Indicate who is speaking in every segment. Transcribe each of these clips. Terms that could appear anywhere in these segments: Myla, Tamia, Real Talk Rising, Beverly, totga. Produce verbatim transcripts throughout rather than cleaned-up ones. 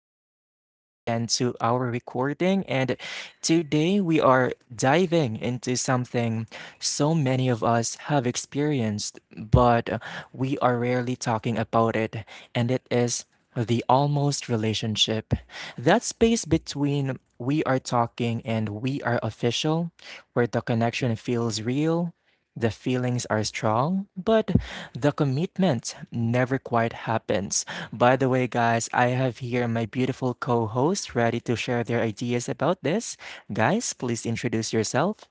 Speaker 1: welcome back again to our recording. And today we are diving into something so many of us have experienced, but uh, we are rarely talking about it. And it is the almost relationship. That space between we are talking and we are official, where the connection feels real. The feelings are strong, but the commitment never quite happens. By the way, guys, I have here my beautiful co host ready to share their ideas about this. Guys, please introduce yourself.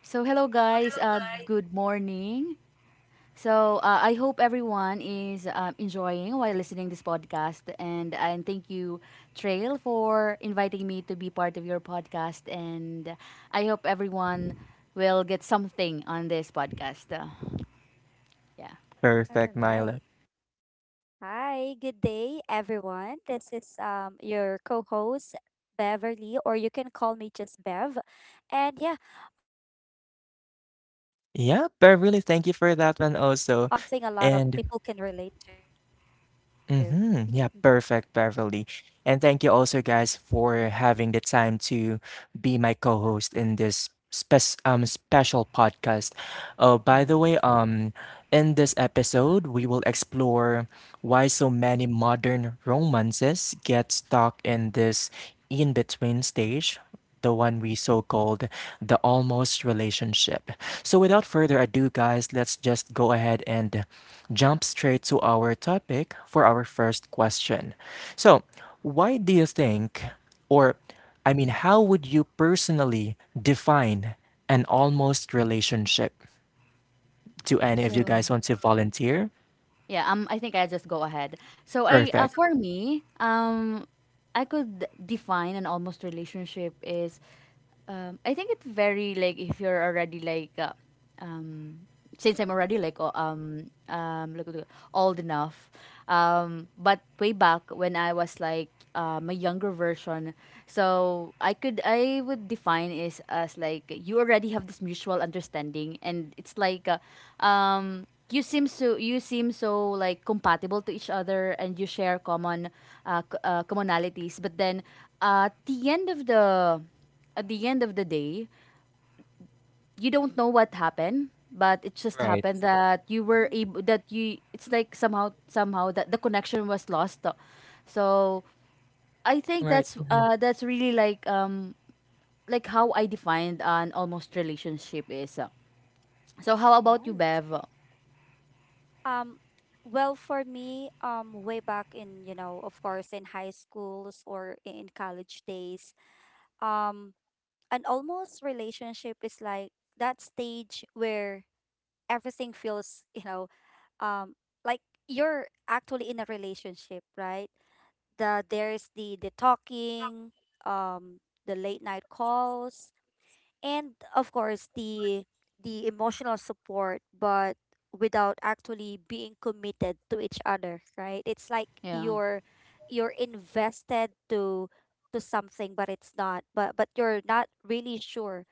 Speaker 2: So hello guys, uh, good morning. So uh, I hope everyone is um, enjoying while listening this podcast, and uh, and thank you, Trail, for inviting me to be part of your podcast, and I hope everyone will get something on this podcast. Uh, yeah.
Speaker 3: All
Speaker 1: Perfect,
Speaker 3: right.
Speaker 1: Myla.
Speaker 3: Hi, good day, everyone. This is um your co-host Beverly, or you can call me just Bev. And yeah, um, welcome to the show. And again,
Speaker 1: Yeah,
Speaker 3: today's
Speaker 1: Beverly, thank you
Speaker 3: episode
Speaker 1: for that
Speaker 3: is
Speaker 1: one also.
Speaker 3: something a lot of
Speaker 1: And
Speaker 3: people can relate to.
Speaker 1: mm-hmm, yeah, perfect, Beverly. And thank you also, guys, for having the time to be my co-host in this spec- um, special podcast. Oh, by
Speaker 2: Mm.
Speaker 1: the way, um, in this episode, we will explore why so many modern romances get stuck in this in-between stage. The one we so called the almost relationship. So, without further ado, guys, let's just go ahead and jump straight to our topic for our first question. So, why do you think? Or, I mean, how would you personally define an almost relationship? Do any of you
Speaker 2: So.
Speaker 1: guys want to volunteer?
Speaker 2: Yeah, um, I think I just go ahead. So I, uh,
Speaker 1: Perfect.
Speaker 2: for me, um, I could define an almost relationship is, um, I think it very like if you're already like, uh, um, since I'm already like o- um um like uh, old enough, um, but way back when I was like um, a younger version, so I could I would define is as like you already have this mutual understanding, and it's like, uh, um you seem so you seem so like compatible to each other and you share common uh, c- uh, commonalities, but then uh, at the end of the at the end of the day you don't know what happened, but it just
Speaker 1: Right.
Speaker 2: happened that you were
Speaker 3: Mm,
Speaker 2: able that you it's like somehow somehow that the connection was lost. So I think
Speaker 1: Right.
Speaker 2: that's
Speaker 1: Mhm.
Speaker 2: uh that's really like um like how I defined an almost relationship is. So how about you,
Speaker 3: nice.
Speaker 2: Bev?
Speaker 3: Um, well, for me, um, way back in, you know, of course, in high schools or i- in college days, um, an almost relationship is like that stage where everything feels, you know, um like you're actually in a relationship, right? the there's the the talking, um the late night calls, and of course the the emotional support, but without actually being committed to each other, right? It's like
Speaker 2: Yeah,
Speaker 3: you're you're invested to to something, but it's not, but but you're not really sure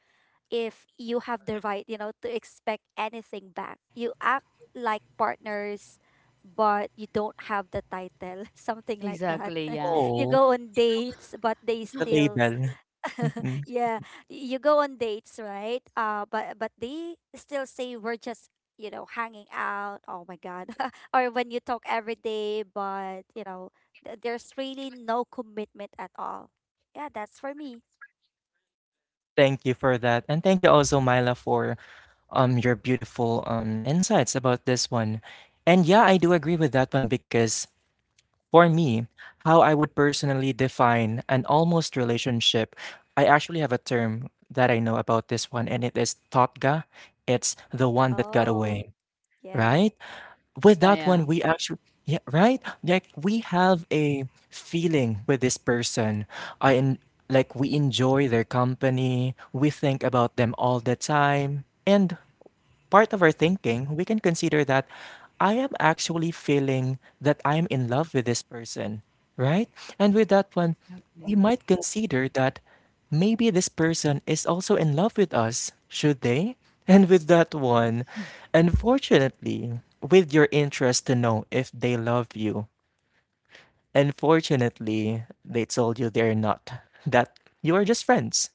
Speaker 3: if you have the right, you know, to expect anything back. You act like partners, but you don't have the title, something like that.
Speaker 2: exactly. yeah
Speaker 3: You
Speaker 1: Oh,
Speaker 3: go on dates, but they
Speaker 1: the
Speaker 3: still,
Speaker 1: label. Mhm.
Speaker 3: yeah, you go on dates, right? Uh, but but they still say we're just, you know hanging out. Oh my god! Or when you talk every day, but you know th- there's really no commitment at all. Yeah, that's for me.
Speaker 1: Thank you for that. And thank you also, Myla, for um your beautiful um insights about this one. And yeah, I do agree with that one because for me, how I would personally define an almost relationship, I actually have a term that I know about this one, and it is totga. It's the one that got
Speaker 3: Oh,
Speaker 1: away,
Speaker 3: yeah.
Speaker 1: right? With
Speaker 2: yeah
Speaker 1: that one,
Speaker 2: yeah
Speaker 1: we actually, yeah, right? Like we have a feeling with this person. I en- like we enjoy their company. We think about them all the time, and part of our thinking, we can consider that I am actually feeling that I'm in love with this person, right? And with that one, we
Speaker 2: Exactly.
Speaker 1: might consider that maybe this person is also in love with us, should they? And with that one, unfortunately, with your interest to know if they love you, unfortunately, they told you they're not, that you are just friends.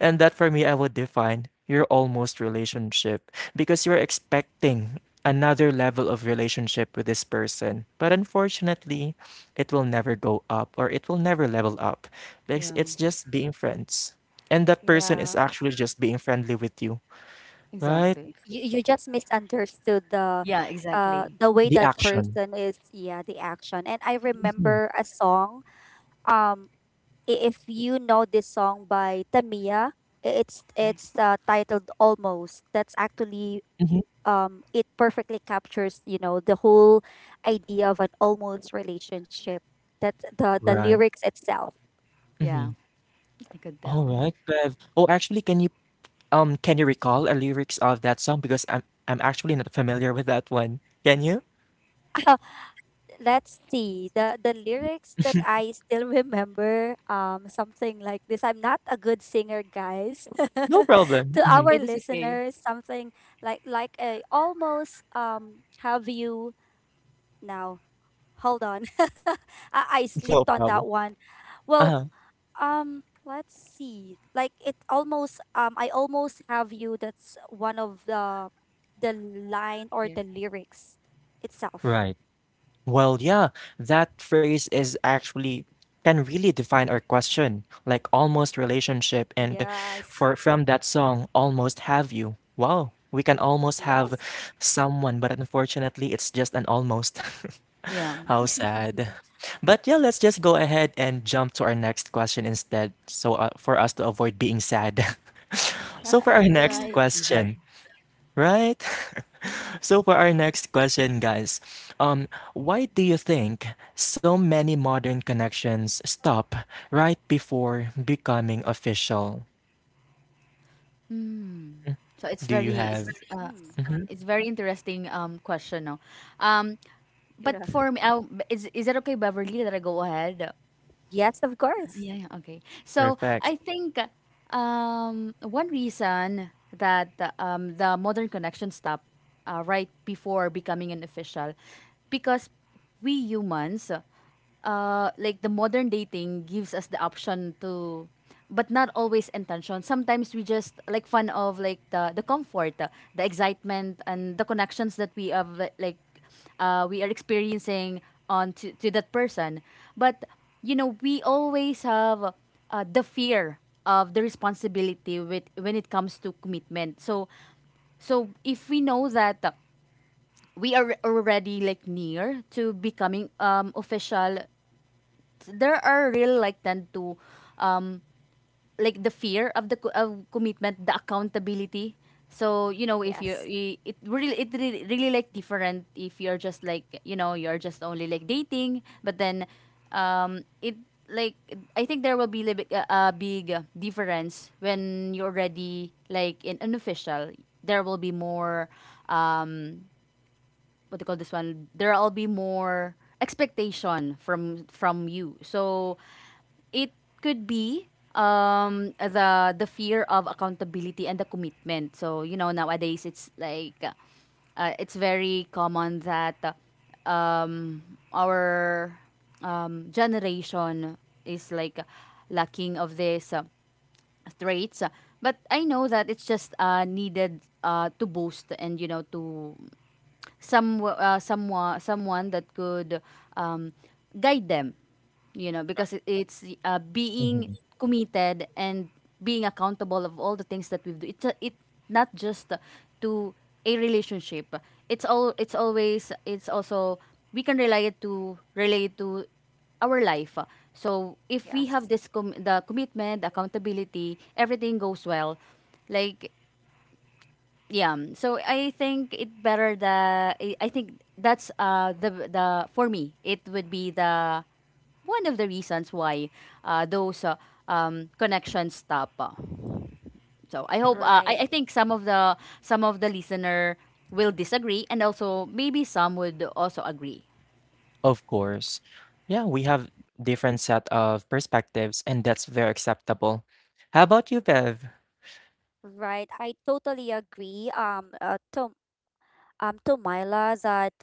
Speaker 1: And that for me, I would define your almost relationship because you're expecting another level of relationship with this person. But unfortunately, it will never go up or it will never level up because
Speaker 2: Yeah,
Speaker 1: it's just being friends. And that person is
Speaker 3: Yeah.
Speaker 1: actually just being friendly with you, right?
Speaker 2: exactly.
Speaker 3: You you just misunderstood the
Speaker 2: Yeah,
Speaker 3: uh
Speaker 2: exactly.
Speaker 3: the way
Speaker 1: The
Speaker 3: that
Speaker 1: action.
Speaker 3: person is, yeah, the action. And I
Speaker 1: Mhm.
Speaker 3: remember a song. Um i- if you know this song by Tamia, i- it's
Speaker 2: I,
Speaker 3: it's uh, titled Almost. That's actually
Speaker 1: Mhm.
Speaker 3: um it perfectly captures, you know, the whole idea of an almost relationship. That's the the
Speaker 1: Right.
Speaker 3: lyrics itself.
Speaker 2: yeah,
Speaker 1: Mhm.
Speaker 2: I could
Speaker 1: All
Speaker 2: tell.
Speaker 1: right, Bev. Oh, actually, can you um can you recall a lyrics of that song? Because I'm I'm actually not familiar with that one. Can you?
Speaker 3: Let's see the the lyrics that I still remember, um something like this. I'm not a good singer, guys.
Speaker 1: No problem.
Speaker 3: To
Speaker 2: But it's
Speaker 1: Mhm.
Speaker 3: our
Speaker 2: okay. That's okay.
Speaker 3: listeners, something like like a almost, um have you now, hold on. I, I slipped
Speaker 1: No
Speaker 3: on that
Speaker 1: problem.
Speaker 3: one. Well,
Speaker 1: Uh-huh.
Speaker 3: um let's see, like, it almost, um I almost have you. That's one of the the line or
Speaker 2: Yeah.
Speaker 3: the lyrics itself.
Speaker 1: Right. Well, yeah, that phrase is actually can really define our question, like almost
Speaker 3: Yes.
Speaker 1: relationship and for from that song, almost have you. Wow, we can almost
Speaker 3: Yes.
Speaker 1: have someone, but unfortunately it's just an almost.
Speaker 2: Yeah,
Speaker 1: How sad. But yeah, let's just go ahead and jump to our next question instead, so uh, for us to avoid being sad. So for our next
Speaker 3: Right.
Speaker 1: question,
Speaker 2: exactly.
Speaker 1: right? So for our next question, guys, um, why do you think so many modern connections stop right before becoming official?
Speaker 2: Hmm. So
Speaker 3: Mm.
Speaker 2: it's
Speaker 1: Do you
Speaker 2: very
Speaker 1: have?
Speaker 2: it's uh
Speaker 1: Mhm.
Speaker 2: it's very interesting um question now. Um
Speaker 3: Yeah.
Speaker 2: but for me, I is is it okay, Beverly, that I go ahead?
Speaker 3: Yes, of course.
Speaker 2: Yeah, yeah, okay. So
Speaker 1: Perfect.
Speaker 2: I think um, one reason that um, the modern connection stopped uh, right before becoming an official, because we humans, uh, like the modern dating gives us the option to, but not always intention. Sometimes we just like fun of like the the comfort, the excitement, and the connections that we have like uh, we are experiencing on to, to that person. But you know, we always have uh, the fear of the responsibility with when it comes to commitment. So, so if we know that uh, we are already like near to becoming um, official, there are real like tend to um, like the fear of the co- of commitment, the accountability. So you know, if you
Speaker 3: Yes.
Speaker 2: i- it really it really, really like different if you're just like you know you're just only like dating, but then um, it like I think there will be li- a a big uh, difference when you're already like in an official. There will be more um, what do you call this one? There will be more expectation from from you. So it could be um the the fear of accountability and the commitment. So, you know, nowadays it's like uh, uh, it's very common that uh, um our um generation is like lacking of these uh, traits. But I know that it's just uh needed uh to boost and you know to some uh, someone someone that could um, guide them, you know, because
Speaker 1: Right.
Speaker 2: it- it's uh, being
Speaker 1: Mhm.
Speaker 2: committed and being accountable of all the things that we do. It's a, it not just to a relationship. It's all it's always it's also we can relate it to relate to our life. So if we have
Speaker 3: Yes.
Speaker 2: this com- the commitment accountability, everything goes well. Like yeah, um, so i think it better the i I think that's uh the the for me it would be the one of the reasons why uh, those uh, um, connections stop uh. So I hope uh,
Speaker 1: Right.
Speaker 3: Right,
Speaker 2: I, I think some of the some of the listener will disagree and also maybe some would also agree.
Speaker 1: Of course. Yeah, we have different set of perspectives, and that's very acceptable. How about you, Bev?
Speaker 3: right. I totally agree. Um, uh, to, um, to Myla, that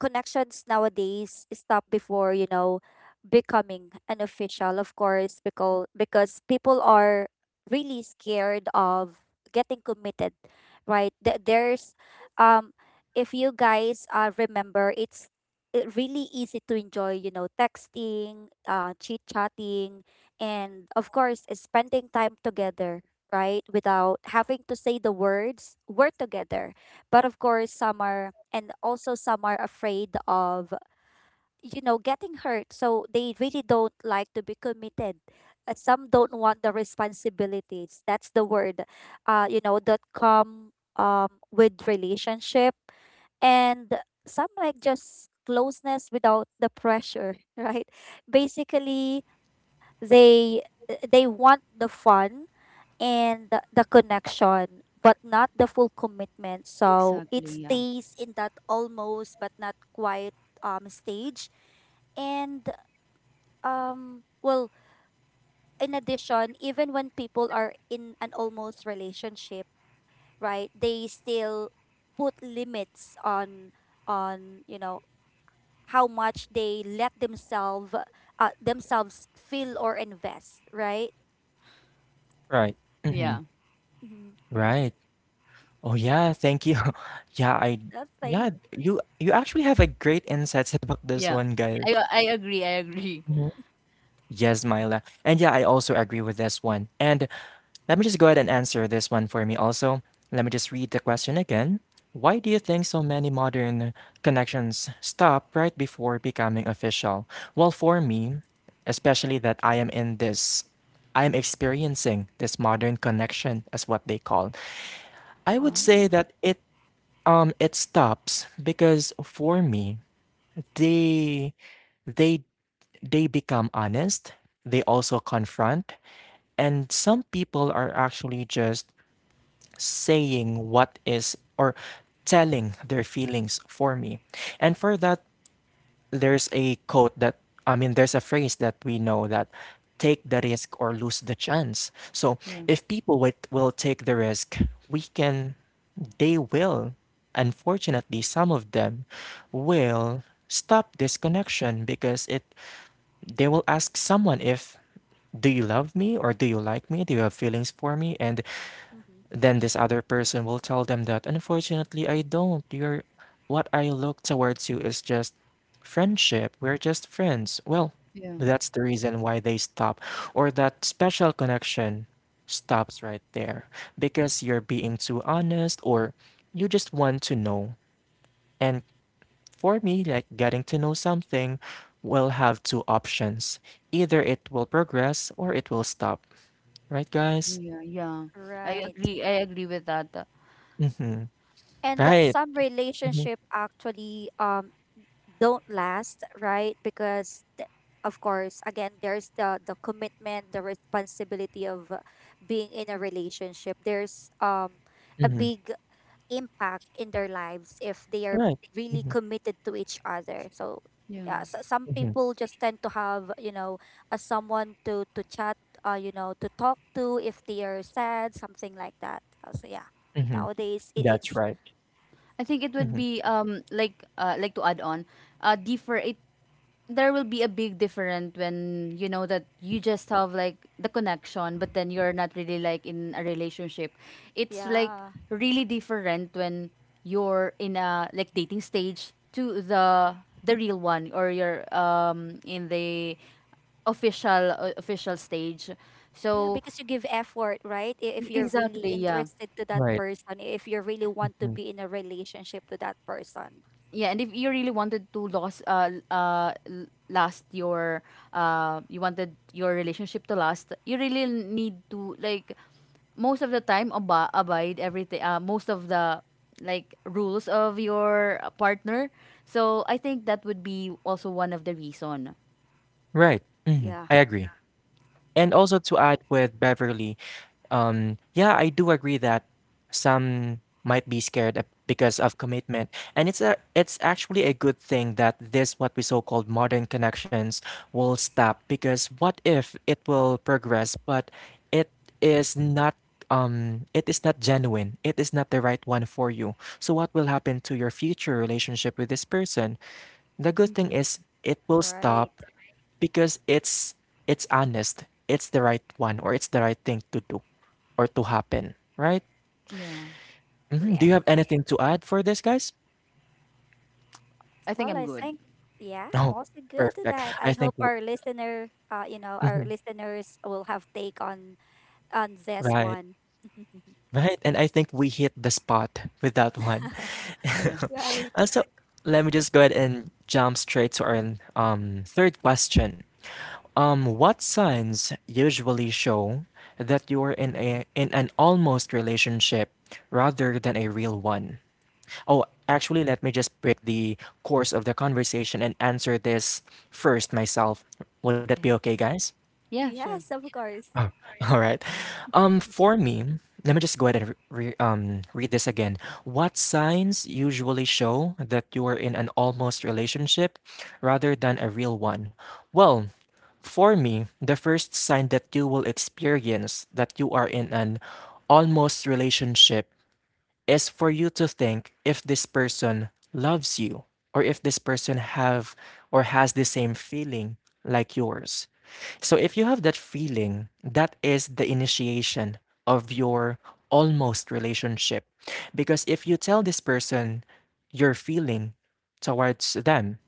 Speaker 3: connections nowadays stop before, you know, becoming an official, of course, because because people are really scared of getting committed, right? Th- there's um if you guys, uh, remember, it's it really easy to enjoy, you know, texting, uh, chit chatting, and of course spending time together, right, without having to say the words we're together. But of course, some are, and also some are afraid of, you know, getting hurt. So they really don't like to be committed. Uh, some don't want the responsibilities. That's the word, uh, you know, that come um, with relationship. And some like just closeness without the pressure, right? Basically, they they want the fun and the, the connection, but not the full commitment, so it
Speaker 2: Exactly, yeah.
Speaker 3: stays in that almost but not quite, um stage. And um well in addition, even when people are in an almost relationship, right, they still put limits on on, you know, how much they let themselves uh, themselves feel or invest, right?
Speaker 1: Right. Hmm.
Speaker 2: Yeah,
Speaker 3: Mm-hmm.
Speaker 1: Right. Oh, yeah, thank you. Yeah, I
Speaker 3: That's thing.
Speaker 1: yeah, you you actually have a great insights about this
Speaker 2: yeah,
Speaker 1: one,
Speaker 2: i,
Speaker 1: guys.
Speaker 2: I agree, I agree.
Speaker 1: Mhm. Yes, Myla. And yeah, I also agree with this one. And let me just go ahead and answer this one for me also. Let me just read the question again. Why do you think so many modern connections stop right before becoming official? Well, for me, especially that I am in this, I am experiencing this modern connection as what they call. I would
Speaker 2: Mm,
Speaker 1: say
Speaker 3: Wow.
Speaker 1: that it Um, it stops because for me, they they they become honest. They also confront, and some people are actually just saying what is or telling their feelings for me. And for that, there's a quote that I mean there's a phrase that we know that take the risk or lose the chance. So
Speaker 2: yeah,
Speaker 1: if people will, will take the risk, we can they will unfortunately some of them will stop this connection because it they will ask someone if do you love me or do you like me? Do you have feelings for me? And
Speaker 3: Mm-hmm.
Speaker 1: then this other person will tell them that, unfortunately, I don't. You're what I look towards you is just friendship. We're just friends. Well,
Speaker 2: yeah,
Speaker 1: that's the reason why they stop, or that special connection stops right there because you're being too honest or you just want to know. And for me, like getting to know something will have two options. Either it will progress or it will stop. Right, guys?
Speaker 2: yeah, yeah, I
Speaker 3: Right.
Speaker 2: agree, i agree with that.
Speaker 1: Mm-hmm.
Speaker 3: And that
Speaker 1: Right.
Speaker 3: some
Speaker 1: Mm-hmm.
Speaker 3: relationship actually um don't last, right? Because th- of course again, there's the the commitment, the responsibility of uh, being in a relationship. There's um a
Speaker 1: Mm-hmm.
Speaker 3: big impact in their lives if they are
Speaker 1: Right.
Speaker 3: really
Speaker 1: Mhm.
Speaker 3: committed to each other. So
Speaker 2: Yeah.
Speaker 3: yeah, so some
Speaker 1: Mhm.
Speaker 3: people just tend to have, you know, a someone to to chat, uh, you know, to talk to if they are sad, something like that. Uh, so yeah,
Speaker 1: Mhm.
Speaker 3: nowadays it, it
Speaker 1: That's right.
Speaker 2: I think it would
Speaker 1: Mhm.
Speaker 2: be um like uh, like to add on uh differ it there will be a big difference when you know that you just have like the connection but then you're not really like in a relationship. It's like
Speaker 3: yeah.
Speaker 2: really different when you're in a like dating stage to the the real one, or you're um in the official uh, official stage.
Speaker 3: Yeah,
Speaker 2: So
Speaker 3: because you give effort, right? I- If you're really
Speaker 2: exactly, yeah.
Speaker 3: interested to that
Speaker 1: Right.
Speaker 3: person, if you really want to
Speaker 1: Mhm.
Speaker 3: be in a relationship to that person.
Speaker 2: Yeah, and if you really wanted to lose, uh, l- uh, l- last your, uh, you wanted your relationship to last, you really need to like, most of the time ab- abide everything. Uh, most of the like rules of your uh, partner. So I think that would be also one of the reason.
Speaker 1: Right,
Speaker 3: Yeah,
Speaker 1: mhm, I agree. And also to add with Beverly, Um, yeah, I do agree that some might be scared ab- because of commitment, and it's a it's actually a good thing that this what we so-called modern connections will stop because what if it will progress, but it is not um it is not genuine, it is not the right one for you. So what will happen to your future relationship with this person? The good thing
Speaker 2: So
Speaker 1: is it will
Speaker 3: right.
Speaker 1: stop because it's it's honest, it's the right one or it's the right thing to do or to happen, right?
Speaker 2: yeah,
Speaker 1: Mhm, do you
Speaker 3: Yes.
Speaker 1: have anything to add for this, guys?
Speaker 2: I think
Speaker 3: Well,
Speaker 2: I'm
Speaker 3: I
Speaker 2: good.
Speaker 3: think, yeah, I'm
Speaker 1: Oh,
Speaker 3: also good to
Speaker 1: perfect.
Speaker 3: that.
Speaker 1: I
Speaker 3: I
Speaker 1: think
Speaker 3: hope
Speaker 1: w
Speaker 3: our listener, uh, you know, our
Speaker 1: mhm,
Speaker 3: listeners will have take on on this
Speaker 1: right,
Speaker 3: one.
Speaker 1: right, and I think we hit the spot with that one.
Speaker 2: Yeah.
Speaker 3: Right.
Speaker 1: Uh, so let me just go ahead and jump straight to our um third question. Um, what signs usually show that you're in a in an almost relationship rather than a real one? Oh, actually, let me just break the course of the conversation and answer this first myself. Would that be
Speaker 2: Okay.
Speaker 1: okay, guys?
Speaker 2: Yeah, sure.
Speaker 3: Yes, of course.
Speaker 1: Oh, all right. Um, for me, let me just go ahead and re- um, read this again. What signs usually show that you are in an almost relationship rather than a real one? Well, for me, the first sign that you will experience that you are in an almost relationship is for you to think if this person loves you or if this person have or has the same feeling like yours. So if you have that feeling, that is the initiation of your almost relationship. Because if you tell this person your feeling towards them,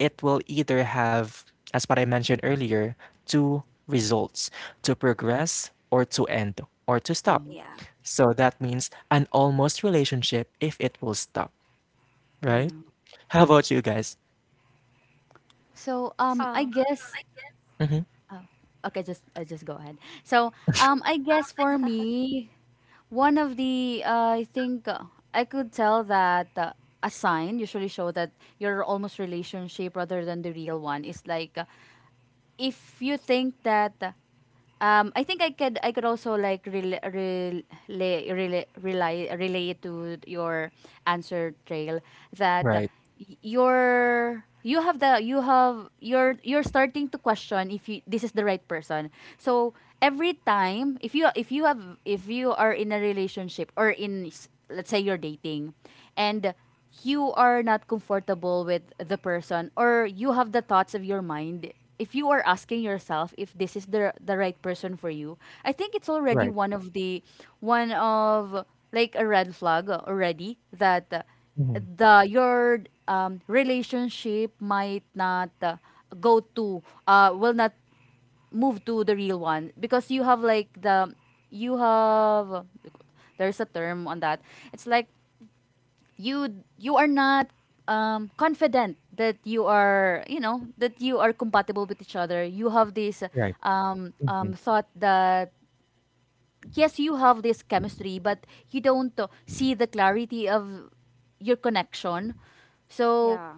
Speaker 1: it will either have, as what I mentioned earlier, two results to progress or to end or to
Speaker 2: Yeah.
Speaker 1: stop.
Speaker 3: Yeah.
Speaker 1: So that means an almost relationship if it will stop, right?
Speaker 2: Yeah.
Speaker 1: How about you guys?
Speaker 2: So um, I
Speaker 3: Um.
Speaker 2: guess
Speaker 1: Hmm.
Speaker 2: Oh, okay. Just uh, just go ahead. So, um, I guess for me, one of the uh, I think uh, I could tell that uh, a sign usually show that your almost relationship rather than the real one is like. uh, if you think that um I think I could I could also like rel rel rel rely relay relay it to your answer, Trail, that uh,
Speaker 1: Right.
Speaker 2: y- you you have the you have you're you're starting to question if you this is the right person. So every time if you if you have if you are in a relationship or in s- let's say you're dating, and you are not comfortable with the person, or you have the thoughts of your mind if you are asking yourself if this is the the right person for you, I think it's already
Speaker 1: Right.
Speaker 2: one of the one of like a red flag already that uh,
Speaker 1: Hmm.
Speaker 2: the your um, relationship might not uh, go to uh will not move to the real one because you have like the you have there's a term on that. It's like you you are not um, confident that you are you know that you are compatible with each other. You have this
Speaker 1: Right.
Speaker 2: um,
Speaker 1: Hmm.
Speaker 2: um, thought that yes you have this chemistry, but you don't uh, see the clarity of your connection. So
Speaker 3: Yeah.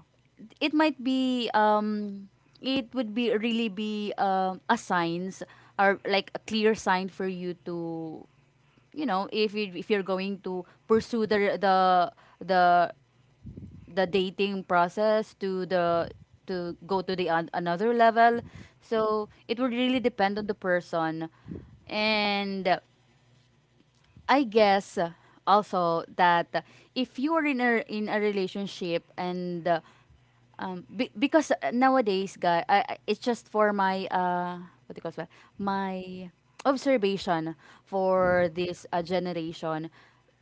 Speaker 2: it might be um, it would be really be um, a signs or like a clear sign for you to you know if you, if you're going to pursue the the the the dating process to the to go to the an- another level. So it would really depend on the person. And I guess uh, also that uh, if you are in a in a
Speaker 3: Mm.
Speaker 2: relationship, and uh, um, be, because uh, nowadays, guy, I, I- it's just for my uh, what do you call it? My observation for this uh, generation.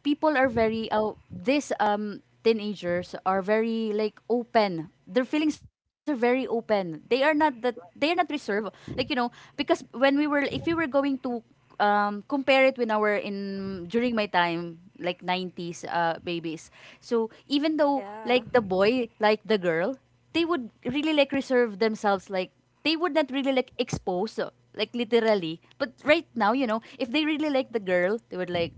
Speaker 2: People are very uh, this um teenagers are very like open. Their feelings are very open. They are not that they are not reserved. Like you know, because when we were if we were going to um, compare it when I were in during my time like nineties uh, babies. So even though
Speaker 3: Yeah.
Speaker 2: like the boy like the girl, they would really like reserve themselves like they would not really like expose uh, like literally. But right now you know if they really like the girl they would like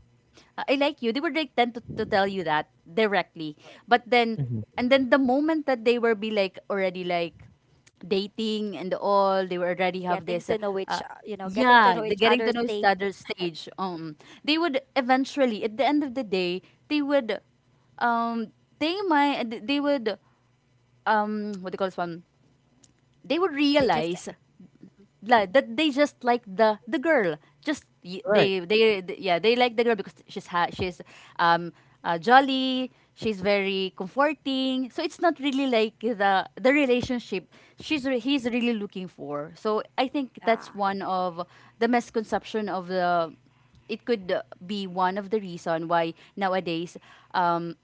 Speaker 2: I like you. They would like tend to, to tell you that directly. But then,
Speaker 1: Hmm.
Speaker 2: and then the moment that they were be like already like, dating and all, they were already have
Speaker 3: Getting
Speaker 2: this
Speaker 3: to
Speaker 2: uh,
Speaker 3: know each,
Speaker 2: uh,
Speaker 3: o- you know, getting to
Speaker 2: yeah
Speaker 3: know
Speaker 2: the
Speaker 3: each
Speaker 2: getting to
Speaker 3: other's
Speaker 2: know each
Speaker 3: take.
Speaker 2: other stage. Um they would eventually at the end of the day they would um they might they would um what do you call this one, they would
Speaker 3: They just.
Speaker 2: realize
Speaker 3: Mhm.
Speaker 2: like that they just like the the girl, just y-
Speaker 1: Right.
Speaker 2: they they th- yeah they like the girl because she's ha- she's um uh, jolly, she's very comforting, so it's not really like the the relationship she's re- he's really looking for. So I think
Speaker 3: Yeah,
Speaker 2: that's one of the misconception of the it could uh, be one of the reason why nowadays um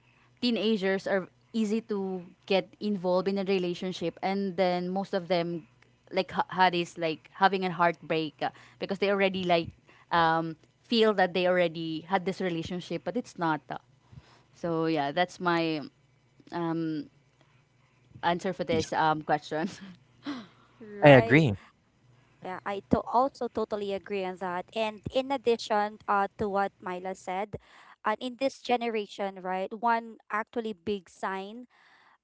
Speaker 2: teenagers are easy to get involved in a relationship, and then most of them like ha- had is like having a heartbreak uh, because they already like um, feel that they already had this relationship, but it's not. uh. So yeah, that's my um, answer for this
Speaker 1: Peace.
Speaker 2: um, question.
Speaker 1: I
Speaker 3: right.
Speaker 1: agree.
Speaker 3: Yeah, I to also totally agree on that. And in addition, uh, to what Myla said, uh, in this generation, right, one actually big sign,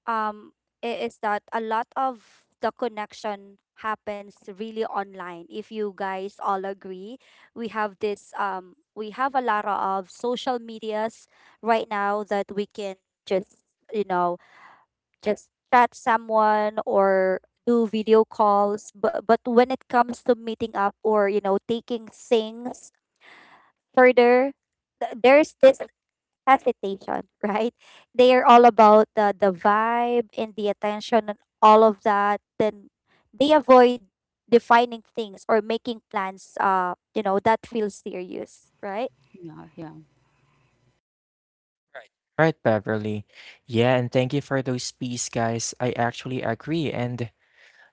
Speaker 3: um i- is that a lot of the connection happens really online, if you guys all agree. We have this um we have a lot of social medias right now that we can just, you know, just chat someone or do video calls. But but when it comes to meeting up, or, you know, taking things further, th- there's this hesitation, right? They are all about the the vibe and the attention and all of that. Then they avoid defining things or making plans. Uh, you know, that feels serious, right?
Speaker 2: Yeah, yeah.
Speaker 1: Right, right, Beverly. Yeah, and thank you for those peace, guys. I actually agree. And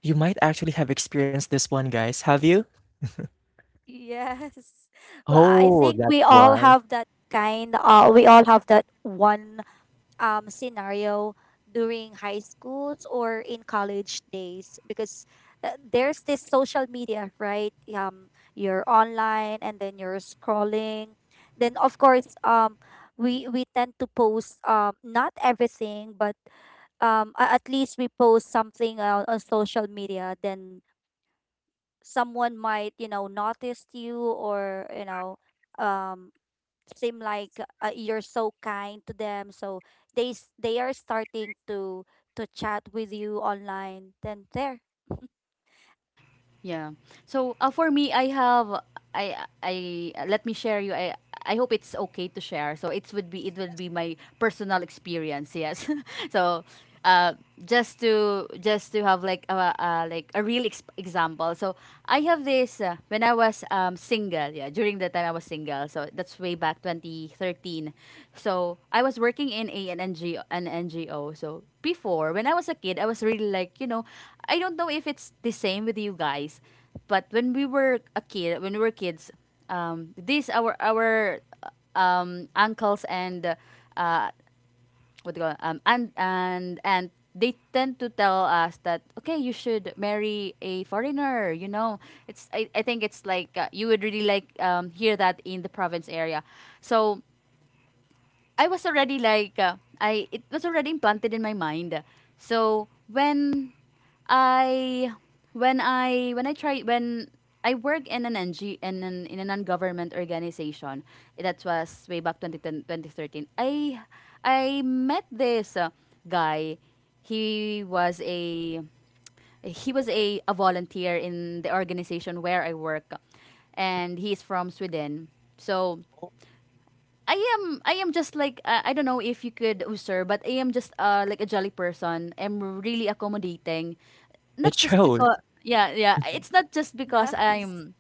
Speaker 1: you might actually have experienced this one, guys. Have you?
Speaker 3: Yes. Well, I
Speaker 1: Oh,
Speaker 3: think we
Speaker 1: that's
Speaker 3: all
Speaker 1: why.
Speaker 3: have that kind. Uh, we all have that one, um, scenario during high schools or in college days, because, uh, there's this social media, right? Um you're online and then you're scrolling. Then of course, um we we tend to post, um not everything, but, um a- at least we post something on, on social media. Then someone might, you know, notice you or, you know, um seem like, uh, you're so kind to them. So they s- they are starting to to chat with you online, then there.
Speaker 2: Yeah. So uh, for me, I have I I let me share you. I I hope it's okay to share. So it would be it would be my personal experience. Yes. so. Uh, just to just to have like a, a like a real ex- example. So I have this uh, when I was um, single. Yeah, during the time I was single. So that's way back twenty thirteen. So I was working in a an N G O, an N G O. So before when I was a kid, I was really like you know I don't know if it's the same with you guys, but when we were a kid, when we were kids, um, these our our um, uncles and uh, what do you call it? um and and and they tend to tell us that okay, you should marry a foreigner. You know, it's I, I think it's like uh, you would really like um, hear that in the province area. So I was already like uh, I it was already implanted in my mind. So when I when I when I try when I work in an NG in an in a non-government organization that was way back twenty ten. I I met this uh, guy. He was a he was a, a volunteer in the organization where I work, and he's from Sweden. So I am I am just like uh, I don't know if you could usurp, but I am just uh like a jolly person. I'm really accommodating, not
Speaker 1: It
Speaker 2: just
Speaker 1: shows.
Speaker 2: because, yeah, yeah. It's not just because
Speaker 3: Nice.
Speaker 2: I'm,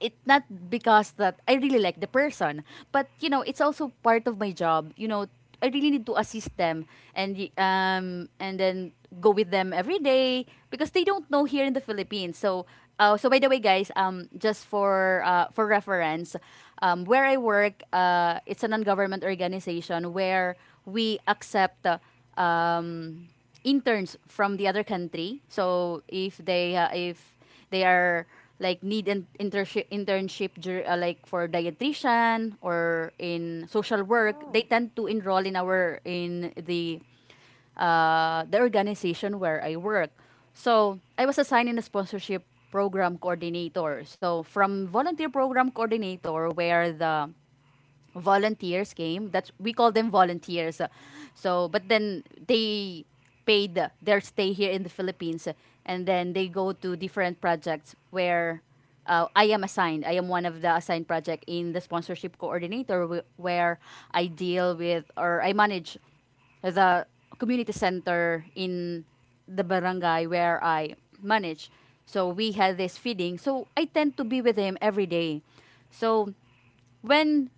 Speaker 2: it not because that I really like the person, but you know, it's also part of my job. You know, I really need to assist them and y- um and then go with them every day because they don't know here in the Philippines. So uh, so by the way, guys, um just for uh, for reference. Um where I work, uh it's a non-government organization where we accept uh, um interns from the other country. So if they uh, if they are like need an internship internship dur- uh, like for dietitian or in social work, they
Speaker 3: Oh,
Speaker 2: tend to enroll in our in the uh, the organization where I work. So I was assigned in a sponsorship program coordinator. So from volunteer program coordinator, where the volunteers came. That's we call them volunteers. So, but then they paid their stay here in the Philippines, and then they go to different projects where uh, I am assigned. I am one of the assigned project in the sponsorship coordinator, wh- where I deal with or I manage the community center in the barangay where I manage. So we had this feeding. So I tend to be with him every day. So when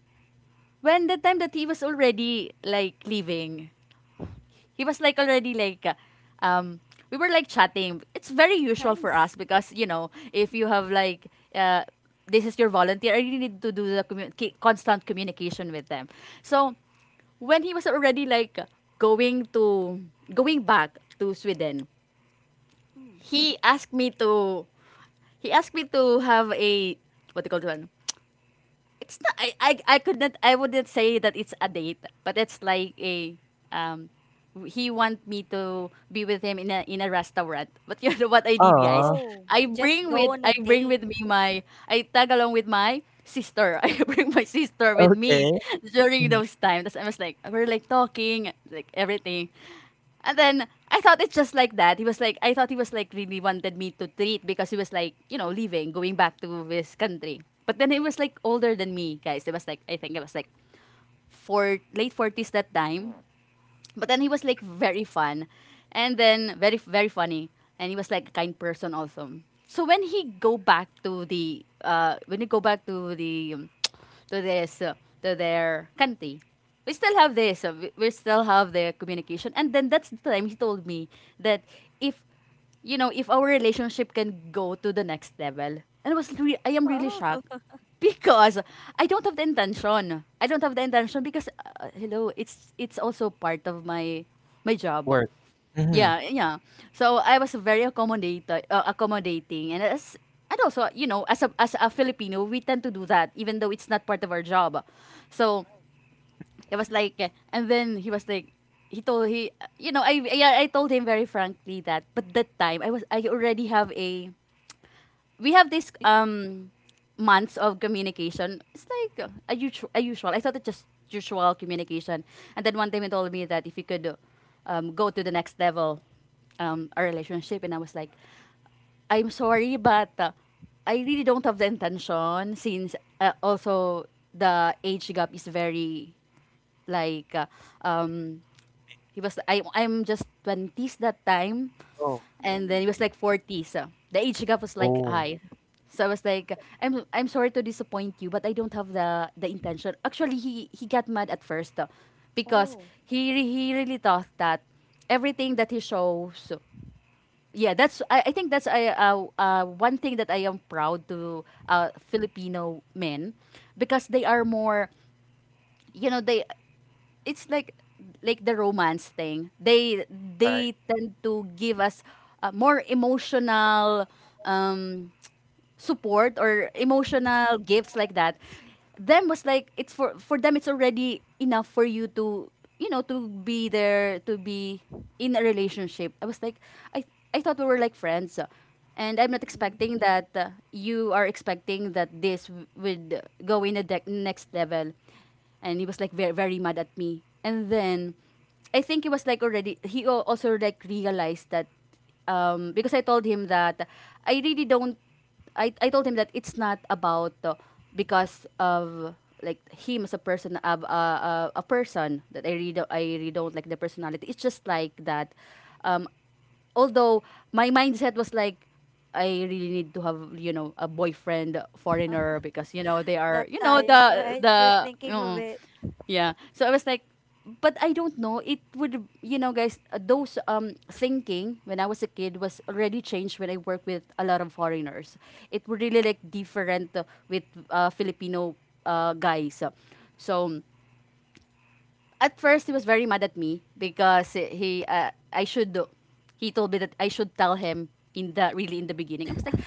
Speaker 2: when the time that he was already like leaving, he was like already like, uh, um, we were like chatting. It's very usual for
Speaker 3: nice.
Speaker 2: us because you know if you have like, uh, this is your volunteer. I really need to do the commu- ki- constant communication with them. So when he was already like going to going back to Sweden,
Speaker 3: Mm.
Speaker 2: he asked me to he asked me to have a, what do you call it, it's not I, I I could not I wouldn't say that it's a date, but it's like a, um he want me to be with him in a in a restaurant. But you know what I did, guys?
Speaker 1: Ah,
Speaker 3: Oh,
Speaker 2: I
Speaker 3: just
Speaker 2: bring with
Speaker 3: go on
Speaker 2: I
Speaker 3: a
Speaker 2: bring
Speaker 3: date.
Speaker 2: with me my I tag along with my sister. I bring my sister with
Speaker 1: okay.
Speaker 2: me during
Speaker 1: Mhm.
Speaker 2: those times. I was like we're like talking, like everything. And then I thought it's just like that. He was like, I thought he was like really wanted me to treat because he was like, you know, leaving, going back to his country. But then he was like older than me, guys. It was like, I think it was like, four, late forties that time. But then he was like very fun and then very, very funny, and he was like a kind person also. So when he go back to the, uh when he go back to the, um, to this uh, to their country, we still have this uh, we, we still have the communication. And then that's the time he told me that, if you know, if our relationship can go to the next level. And I was re- I am really
Speaker 3: Oh.
Speaker 2: shocked because I don't have the intention. I don't have the intention because, uh, hello, it's it's also part of my my job.
Speaker 1: Work. Mhm.
Speaker 2: Yeah, yeah. So I was very accommodating, uh, accommodating, and as and also, you know, as a as a Filipino, we tend to do that even though it's not part of our job. So it was like, eh, and then he was like, he told he you know, I I, I told him very frankly that, but that time I was I already have a, we have this
Speaker 3: Y-
Speaker 2: um months of communication. It's like a, usu- a usual. I thought it's just usual communication. And then one time he told me that if he could, um, go to the next level, um, our relationship. And I was like, I'm sorry, but, uh, I really don't have the intention, since, uh, also the age gap is very like uh, um, he was, I I'm just twenties that time,
Speaker 1: Oh.
Speaker 2: and then he was like
Speaker 3: mm.
Speaker 2: forty, so the age gap was like
Speaker 1: Oh,
Speaker 2: high. So I was like, i'm i'm sorry to disappoint you, but I don't have the the intention. Actually, he he got mad at first, uh, because
Speaker 3: Oh.
Speaker 2: he re- he really thought that everything that he shows. Yeah, that's i, I think that's I, uh, uh, one thing that I am proud to, uh, Filipino men, because they are more, you know, they it's like, like the romance thing. They
Speaker 1: right,
Speaker 2: they tend to give us, uh, more emotional, um support, or
Speaker 3: Mhm.
Speaker 2: emotional gifts like that. Them was like, it's for for them, it's already enough for you to, you know to be there, to be in a relationship. I was like, I I thought we were like friends. And I'm not
Speaker 3: Mm-mm.
Speaker 2: expecting that, uh, you are expecting that this w- would go in the de- next level. And he was like very, very mad at me. And then I think he was like already, he al- also like realized that, um, because I told him that I really don't. I, I told him that it's not about, uh, because of like him as a person. Uh, uh, uh, a person that I really do I really don't like the personality. It's just like that. Um, Although my mindset was like, I really need to have, you know a boyfriend foreigner, because you know they are,
Speaker 3: That
Speaker 2: you know
Speaker 3: time,
Speaker 2: the
Speaker 3: right, you're
Speaker 2: the.
Speaker 3: thinking of
Speaker 2: Mm,
Speaker 3: it.
Speaker 2: yeah. So I was like, but I don't know. It would, you know, guys, uh, those, um, thinking when I was a kid was already changed when I worked with a lot of foreigners. It were really like different, uh, with, uh, Filipino, uh, guys. So at first he was very mad at me because he uh, I should he told me that I should tell him in the really in the beginning. I was like,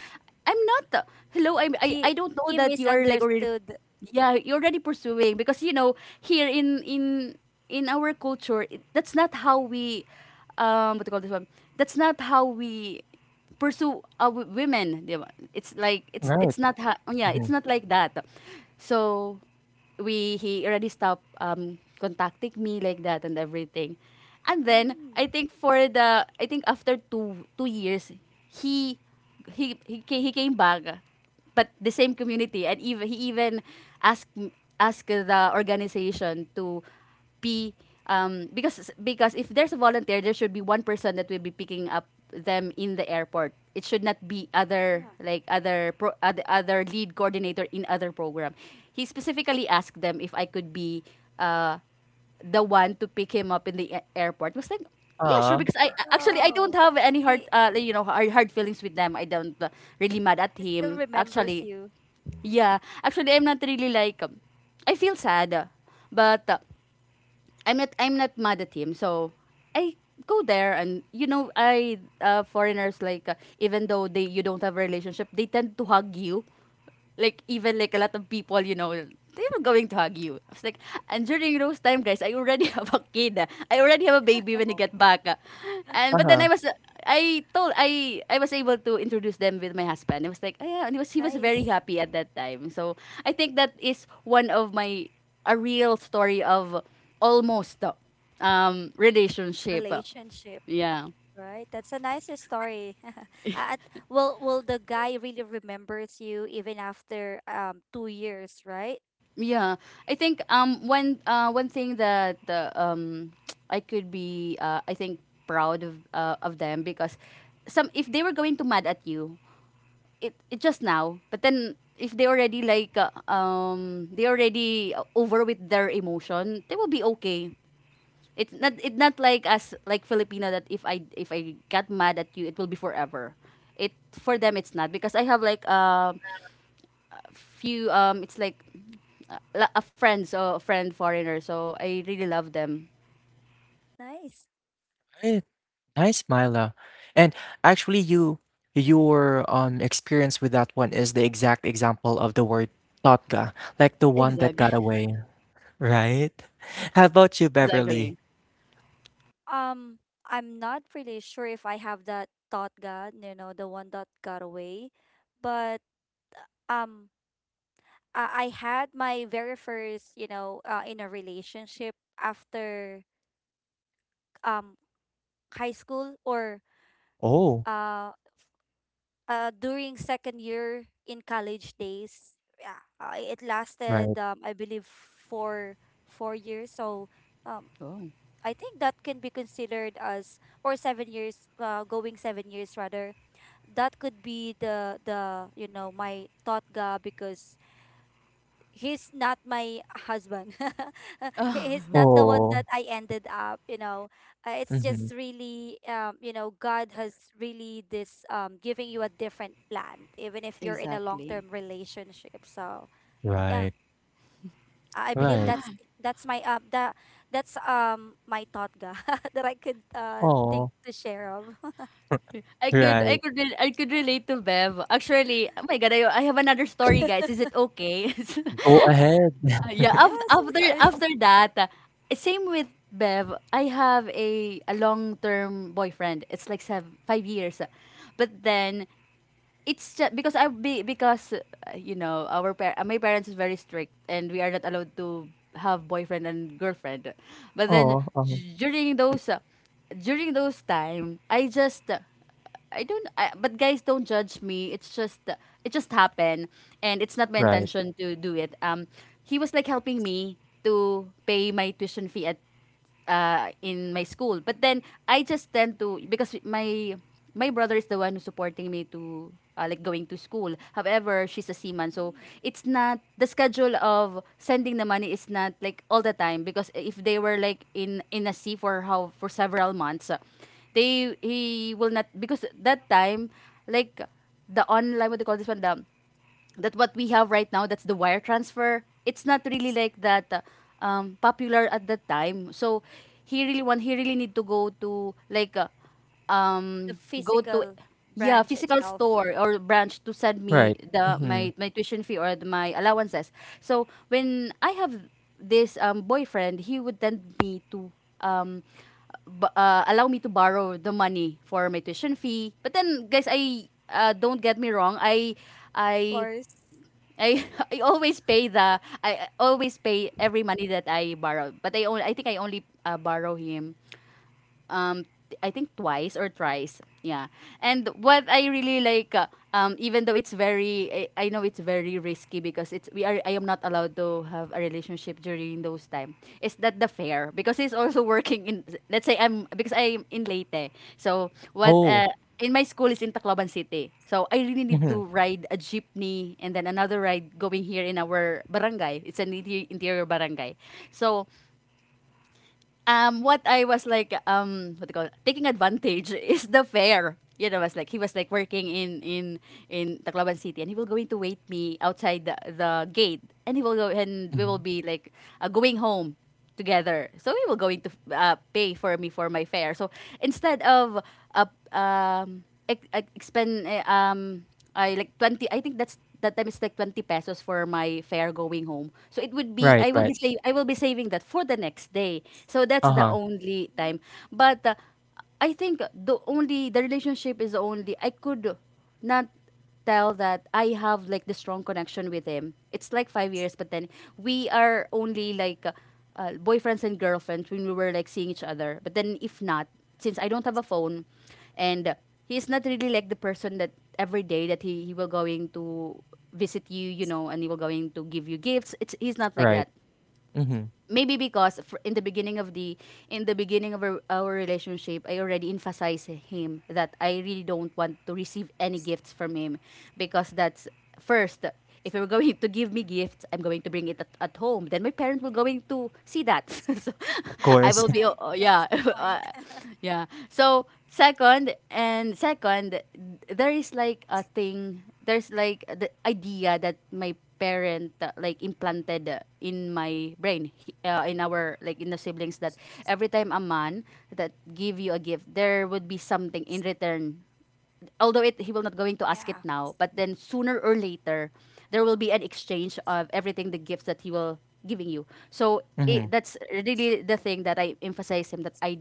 Speaker 2: I'm not. Uh, hello, I'm, I I
Speaker 3: he
Speaker 2: don't know
Speaker 3: he
Speaker 2: that you are like already.
Speaker 3: misunderstood.
Speaker 2: Yeah, you're already pursuing, because you know here in in in our culture it, that's not how we, um what do you call this one, that's not how we pursue, uh, w- women. Di ba? It's like, it's
Speaker 1: right.
Speaker 2: it's not, ha- yeah, it's
Speaker 1: Mhm.
Speaker 2: not like that. So we he already stopped, um contacting me like that and everything. And then I
Speaker 3: Mm.
Speaker 2: think, for the i think after two two years, he he he, ca- he came back, but the same community. And even he even asked, asked the organization to be, um, because, because if there's a volunteer, there should be one person that will be picking up them in the airport. It should not be
Speaker 3: Yeah.
Speaker 2: other, like other pro, other, other lead coordinator in other program. He specifically asked them if I could be, uh, the one to pick him up in the a- airport. I was like, yeah, sure.
Speaker 1: Aw,
Speaker 2: Because I actually I don't
Speaker 3: Oh.
Speaker 2: have any hard,
Speaker 3: he
Speaker 2: uh, like, you know hard, hard feelings with them. I don't, uh, really mad at
Speaker 3: he still
Speaker 2: him. Actually,
Speaker 3: remembers you.
Speaker 2: yeah. Actually, I'm not really like. um, I feel sad, uh, but. Uh, I'm not I'm not mad at him. So I go there, and you know I uh, foreigners like, uh, even though they you don't have a relationship, they tend to hug you, like even like a lot of people, you know, they were going to hug you. I was like, and during those time, guys, I already have a kid. I already have a baby when I get back. And but then I
Speaker 1: uh-huh.
Speaker 2: was, I told, I I was able to introduce them with my husband. I was like, oh, yeah, and he was he was very
Speaker 3: Nice.
Speaker 2: happy at that time. So I think that is one of my a real story of almost, um relationship.
Speaker 3: Relationship,
Speaker 2: Yeah.
Speaker 3: right? That's a nice story. At will will the guy really remembers you even after um two years, right?
Speaker 2: Yeah, I think um one uh one thing that uh, um I could be uh, I think proud of uh, of them, because some, if they were going to mad at you, it, it just now, but then if they already like uh, um they already uh, over with their emotion, they will be okay. It's not it's not like us, like Filipino, that if I if I got mad at you it will be forever. It for them it's not, because I have like uh few um it's like uh, la- a friend, so a friend foreigner, so I really love them.
Speaker 3: Nice.
Speaker 1: Right. Nice, Myla. And actually you your, um, experience with that one is the exact example of the word "totga," like the one that
Speaker 2: Exactly.
Speaker 1: got away, right? How about you, Beverly?
Speaker 2: Exactly.
Speaker 3: Um, I'm not really sure if I have that thought God, you know, the one that got away, but, um, I, I had my very first, you know, uh, in a relationship after um high school or
Speaker 1: Oh,
Speaker 3: uh uh, during second year in college days. Yeah, uh, it
Speaker 1: right.
Speaker 3: lasted um, I believe four four years. So, um,
Speaker 2: Oh.
Speaker 3: I think that can be considered as, or seven years, uh, going seven years rather. That could be the the, you know, my thought ga, because he's not my husband. He- he's
Speaker 2: Oh.
Speaker 3: not the one
Speaker 1: Oh Oo.
Speaker 3: that I ended up, you know. Uh, it's
Speaker 1: Mhm.
Speaker 3: just really, um, you know, God has really this, um, giving you a different plan, even if you're in a long
Speaker 2: Exactly.
Speaker 3: term relationship. So
Speaker 1: Right,
Speaker 3: yeah, I I believe
Speaker 1: right.
Speaker 3: that's that's my, um that that's um my thought ga that I could uh
Speaker 1: Oh
Speaker 3: think to share of.
Speaker 2: i could i
Speaker 1: right.
Speaker 2: could re- i could relate to Bev, actually. Oh my god, i, I have another story guys, is it okay?
Speaker 1: Go ahead.
Speaker 2: Uh, yeah, after
Speaker 3: Yes,
Speaker 2: after
Speaker 3: of course.
Speaker 2: after that, uh, same with Bev, I have a a long-term boyfriend, it's like seven, five years. But then it's just because I be because uh, you know, our par- uh, my parents is very strict and we are not allowed to have boyfriend and girlfriend. But then
Speaker 1: Oh uh-huh.
Speaker 2: d- during those uh, during those time, I just uh, I don't I, but guys don't judge me. It's just uh, it just happened and it's not my
Speaker 1: Right,
Speaker 2: intention to do it. Um he was like helping me to pay my tuition fee at uh, in my school. But then I just tend to, because my my brother is the one who's supporting me to uh, like going to school. However, she's a seaman, so
Speaker 3: Mm.
Speaker 2: it's not the schedule of sending the money is not like all the time, because if they were like in in a sea for how for several months, uh, they he will not, because that time, like, the online, what do you call this one, the that what we have right now, that's the wire transfer, it's not really like that uh, um, popular at that time. So he really want, he really need to go to like uh, um
Speaker 3: The
Speaker 2: go to,
Speaker 3: physical
Speaker 2: yeah,
Speaker 3: branch
Speaker 2: physical
Speaker 3: itself,
Speaker 2: store or branch to send me
Speaker 1: right.
Speaker 2: the
Speaker 1: Mhm.
Speaker 2: my my tuition fee or the, my allowances. So when I have this um, boyfriend, he would tend me to um b- uh, allow me to borrow the money for my tuition fee. But then, guys, I uh, don't get me wrong. I
Speaker 3: of
Speaker 2: I
Speaker 3: course.
Speaker 2: I I always pay the, I always pay every money that I borrow. But I only, I think I only uh, borrow him um I think twice or thrice. Yeah. And what I really like uh, um even though it's very, I, I know it's very risky because it's, we are, I am not allowed to have a relationship during those time. Is that the fair, because he's also working in, let's say, I'm because I'm in Leyte. So what
Speaker 1: Oh,
Speaker 2: uh in my school is in Tacloban City. So I really need
Speaker 1: mhm,
Speaker 2: to ride a jeepney and then another ride going here in our barangay. It's an inter- interior barangay. So um, what I was like, um, what do you call it? Taking advantage is the fare. You know, was like, he was like working in in in Tacloban City, and he will going to wait me outside the, the gate, and he will go, and we will
Speaker 1: mhm.
Speaker 2: be like uh, going home together. So we will going to uh, pay for me for my fare. So instead of uh, um, ex- ex- expend uh, um I like twenty, I think that's that time, it's like twenty pesos for my fare going home. So it would be,
Speaker 1: Right,
Speaker 2: I will be
Speaker 1: right.
Speaker 2: save I will be saving that for the next day. So that's the
Speaker 1: Uh-huh,
Speaker 2: only time. But uh, I think the only, the relationship is only, I could not tell that I have like the strong connection with him. It's like five years, but then we are only like uh, uh, boyfriends and girlfriends when we were like seeing each other. But then if not, since I don't have a phone, and he's not really like the person that every day that he, he will going to visit you, you know, and he will going to give you gifts, it's he's not like
Speaker 1: right.
Speaker 2: that.
Speaker 1: Mhm.
Speaker 2: Maybe because fr- in the beginning of the, in the beginning of our, our relationship, I already emphasized him that I really don't want to receive any gifts from him, because that's first, if you're going to give me gifts, I'm going to bring it at, at home, then my parents will going to see that. So
Speaker 1: Of
Speaker 3: Right,
Speaker 2: I
Speaker 1: course.
Speaker 2: will be,
Speaker 3: that's the
Speaker 2: oh, yeah.
Speaker 3: point.
Speaker 2: uh, yeah, so second and second, there is like a thing, there's like the idea that my parent uh, like implanted uh, in my brain, he- uh, in our, like in the siblings, that every time a man that give you a gift, there would be something in return. Although it, he will not going to ask it
Speaker 3: Yeah.
Speaker 2: now, but then sooner or later there will be an exchange of everything, the gifts that he will giving you. So it,
Speaker 1: Mhm,
Speaker 2: that's really the thing that I emphasize him that I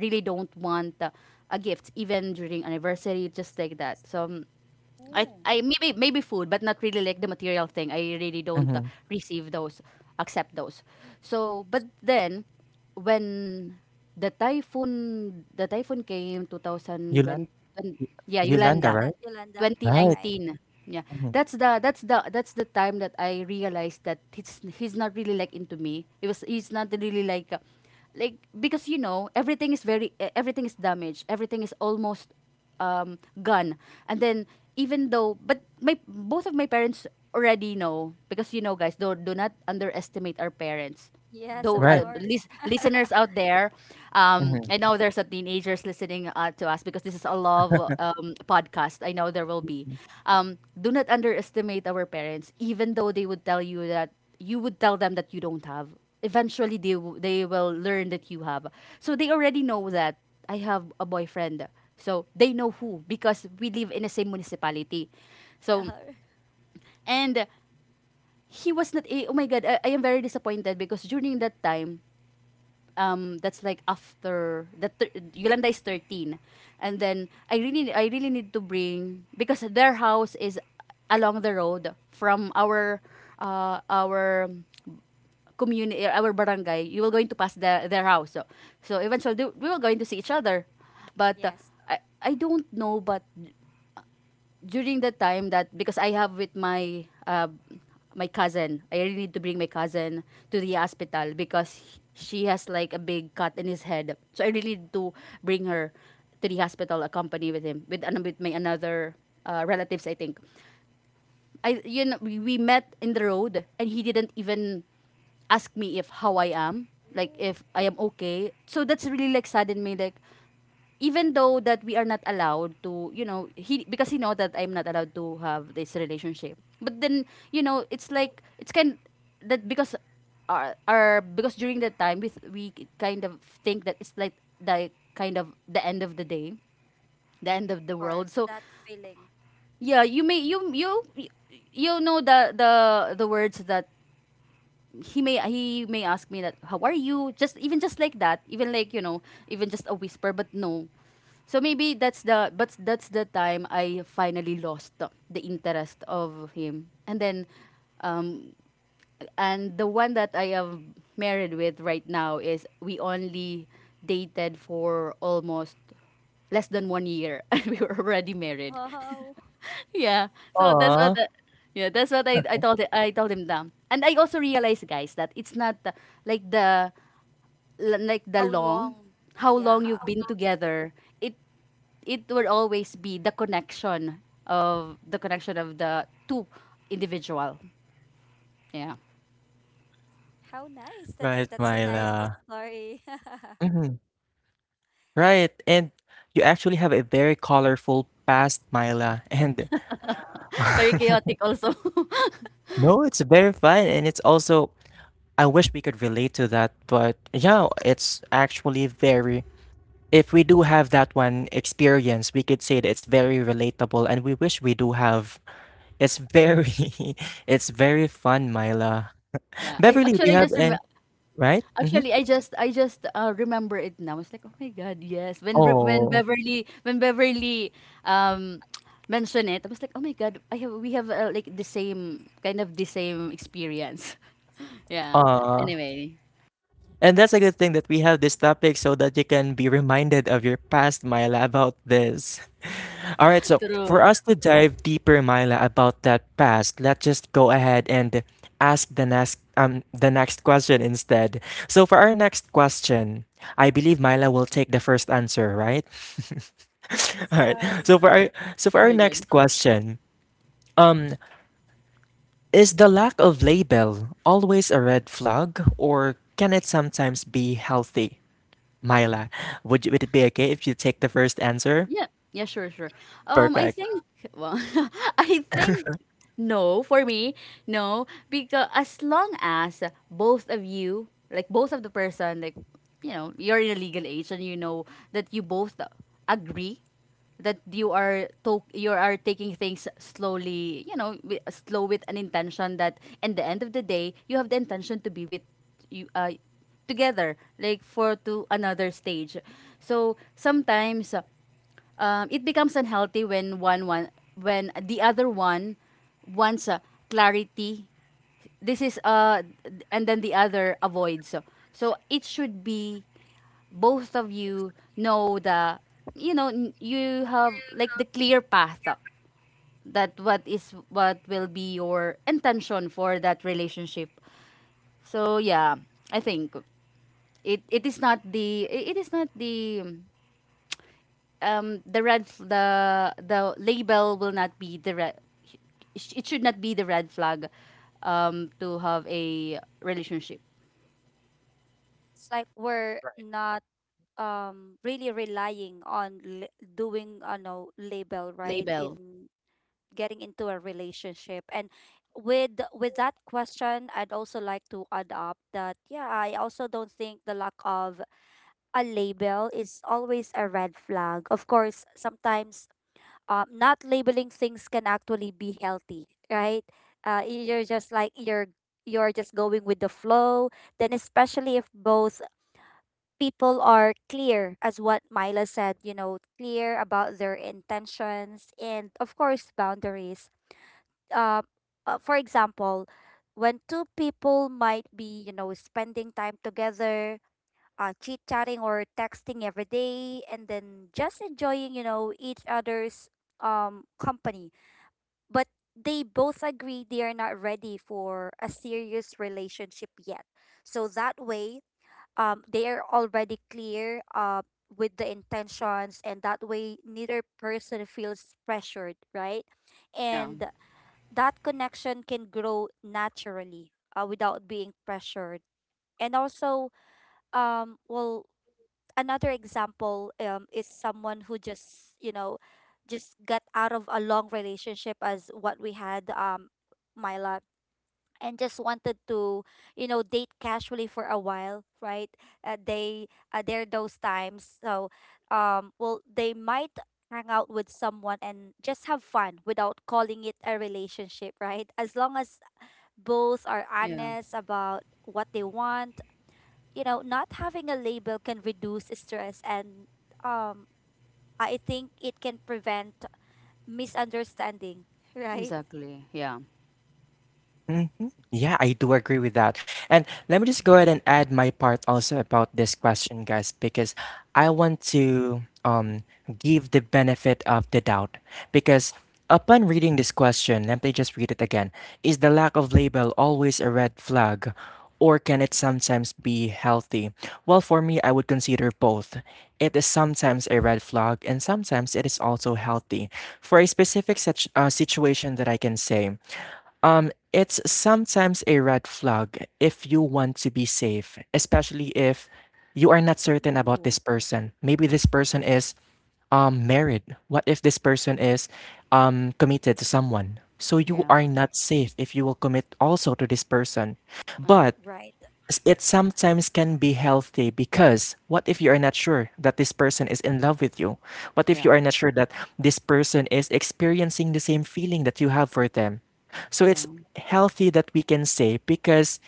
Speaker 2: really don't want uh, a gift, even during anniversary, just like that. So um, I
Speaker 3: Oh.
Speaker 2: I maybe, maybe food, but not really like the material thing. I really don't uh,
Speaker 1: mhm.
Speaker 2: receive those, accept those. So, but then when the typhoon the typhoon came twenty twenty
Speaker 1: Yolan
Speaker 2: and-
Speaker 1: Y
Speaker 2: yeah,
Speaker 1: Yolanda,
Speaker 3: Is
Speaker 2: Yolanda.
Speaker 1: right?
Speaker 3: that Yolanda?
Speaker 1: Right.
Speaker 3: Right.
Speaker 2: twenty nineteen. Yeah.
Speaker 1: Mhm.
Speaker 2: That's the that's the that's the time that I realized that he's he's not really like into me. It was, he's not really like uh, like, because you know, everything is very e- everything is damaged, everything is almost um, gone. And then, even though, but my, both of my parents already know, because you know guys, do, do not underestimate our parents,
Speaker 3: Yes,
Speaker 2: though
Speaker 3: of
Speaker 1: Right,
Speaker 2: uh,
Speaker 3: course.
Speaker 2: lis- listeners out there, um,
Speaker 1: mhm.
Speaker 2: I know there's a teenagers listening uh, to us, because this is a love um, podcast, I know there will be um, do not underestimate our parents, even though they would tell you that you would tell them that you don't have, eventually they w- they will learn that you have. So they already know that I have a boyfriend. So they know who, because we live in the same municipality. So,
Speaker 3: Uh,
Speaker 2: and he was not. Eh, oh my God, I, I am very disappointed because during that time. Um, that's like after that thir- Yolanda is thirteen, and then I really I really need to bring, because their house is along the road from our uh, our community, eh, our barangay, you were going to pass the, their house. So, so eventually, they- we were going to see each other. But uh,
Speaker 3: yes, of
Speaker 2: I, I don't know, but during the time that, because I have with my, uh, my cousin, I really need to bring my cousin to the hospital because she has like a big cut in his head. So I really need to bring her to the hospital, accompany with him, with, an- with my another uh, relatives, I think. I, you know, we, we met in the road and he didn't even ask me if how I am, like
Speaker 3: Oh,
Speaker 2: if I am okay. So that's really like saddened me. Like, even though that we are not allowed to, you know, he, because he know that I'm not allowed to have this relationship. But then, you know, it's like it's kind that, because our, our, because during that time we th- we kind of think that it's like the, kind of the end of the day, the end of the world.
Speaker 3: course.
Speaker 2: So
Speaker 3: That feeling.
Speaker 2: yeah, you may you you, you know, the the the words that he may he may ask me that, how are you, just, even just like that, even like, you know, even just a whisper, but no. So maybe that's the, but that's the time I finally lost the, the interest of him. And then um and the one that I am married with right now is, we only dated for almost less than one year and we were already married.
Speaker 3: Wow.
Speaker 2: Yeah. So that's what
Speaker 1: Aw.
Speaker 2: the, yeah, that's what I, I told it- I told him down. And I also realized guys that it's not uh, like the, like the
Speaker 3: How
Speaker 2: long,
Speaker 3: long?
Speaker 2: how
Speaker 3: Yeah.
Speaker 2: long you've
Speaker 3: How,
Speaker 2: been together. It it will always be the connection of, the connection of the two individual. Yeah.
Speaker 3: how nice. That's a,
Speaker 1: Right,
Speaker 3: that's a nice
Speaker 1: Myla.
Speaker 3: story.
Speaker 1: Mhm, right, and you actually have a very colorful past, Myla, and
Speaker 3: Ah,
Speaker 2: Very chaotic also.
Speaker 1: no, it's very fun, and it's also I wish we could relate to that, but yeah, it's actually very if we do have that one experience, we could say that it's very relatable, and we wish we do have. It's very it's very fun, Myla.
Speaker 2: Yeah. I
Speaker 1: Beverly, do
Speaker 2: actually
Speaker 1: you
Speaker 2: I
Speaker 1: have
Speaker 2: just
Speaker 1: an
Speaker 2: remember,
Speaker 1: right? Mhm.
Speaker 2: actually, I just I just uh, remember it now. It's like, oh my God, yes. When Re- when
Speaker 1: Oh,
Speaker 2: Beverly when Beverly um mentioned it, I was like, oh my God, I have we have uh, like the same kind of, the same experience. Yeah.
Speaker 1: aw.
Speaker 2: Anyway,
Speaker 1: And that's a good thing that we have this topic so that you can be reminded of your past, Myla, about this. All right, so for
Speaker 2: true.
Speaker 1: us to dive deeper, Myla, about that past, let's just go ahead and ask the next um the next question instead. So for our next question, I believe Myla will take the first answer, right? All right.
Speaker 3: so
Speaker 1: So for our so for
Speaker 2: Oh
Speaker 1: our
Speaker 2: my God.
Speaker 1: next question, um, is the lack of label always a red flag, or can it sometimes be healthy? Myla, would you, would it be okay if you take the first answer?
Speaker 2: Yeah, yeah, sure, sure. Um, I
Speaker 1: Perfect.
Speaker 2: think, well, I think no for me, no, because as long as both of you, like both of the person, like, you know, you're in a legal age, and you know that you both agree that you are to- you are taking things slowly, you know, wi- slow with an intention, that in the end of the day you have the intention to be with you uh, together, like for to another stage. So sometimes um, it becomes unhealthy when one one, when the other one wants uh, clarity. This is uh, and then the other avoids. So, so it should be both of you know the you know n- you have like the clear path, uh, that what is what will be your intention for that relationship. So yeah, I think it it is not the it is not the um, the red f- the the label will not be the red. It should not be the red flag, um, to have a relationship
Speaker 3: it's like we're not, um really relying on, li doing, I know, label, right?
Speaker 2: label.
Speaker 3: In getting into a relationship, and with with that question, I'd also like to add up that yeah, I also don't think the lack of a label is always a red flag. Of course sometimes, um, not labeling things can actually be healthy, right? Uh, you're just like you're you're just going with the flow, then especially if both people are clear, as what Mila said, you know, clear about their intentions and of course boundaries. uh, uh, for example, when two people might be, you know, spending time together, uh, chit chatting or texting every day, and then just enjoying, you know, each other's, um, company. But they both agree they are not ready for a serious relationship yet. So that way, um, they are already clear, uh, with the intentions, and that way, neither person feels pressured, right?
Speaker 2: Yeah,
Speaker 3: And that connection can grow naturally, uh, without being pressured. And also, um, well, another example, um, is someone who just, you know, just got out of a long relationship as what we had, um, Myla, and just wanted to, you know, date casually for a while, right? Uh, they, uh, there are those times. So, um, well, they might hang out with someone and just have fun without calling it a relationship, right? As long as both are
Speaker 2: yeah,
Speaker 3: honest about what they want. You know, not having a label can reduce stress and, um I think it can prevent misunderstanding, right?
Speaker 2: exactly. Yeah,
Speaker 1: Hmm. Yeah, I do agree with that. And let me just go ahead and add my part also about this question, guys, because I want to um give the benefit of the doubt. Because upon reading this question, let me just read it again. Is the lack of label always a red flag? Or can it sometimes be healthy? Well, for me, I would consider both. It is sometimes a red flag, and sometimes it is also healthy. For a specific such, uh, situation that I can say, um, it's sometimes a red flag if you want to be safe, especially if you are not certain about
Speaker 3: Ooh.
Speaker 1: this person. Maybe this person is um married. What if this person is um committed to someone? So you
Speaker 2: yeah,
Speaker 1: are not safe if you will commit also to this person.
Speaker 2: uh,
Speaker 1: But
Speaker 3: Right.
Speaker 1: s- it sometimes can be healthy because what if you are not sure that this person is in love with you? What if
Speaker 2: yeah,
Speaker 1: you are not sure that this person is experiencing the same feeling that you have for them? So
Speaker 2: yeah,
Speaker 1: it's healthy that we can say because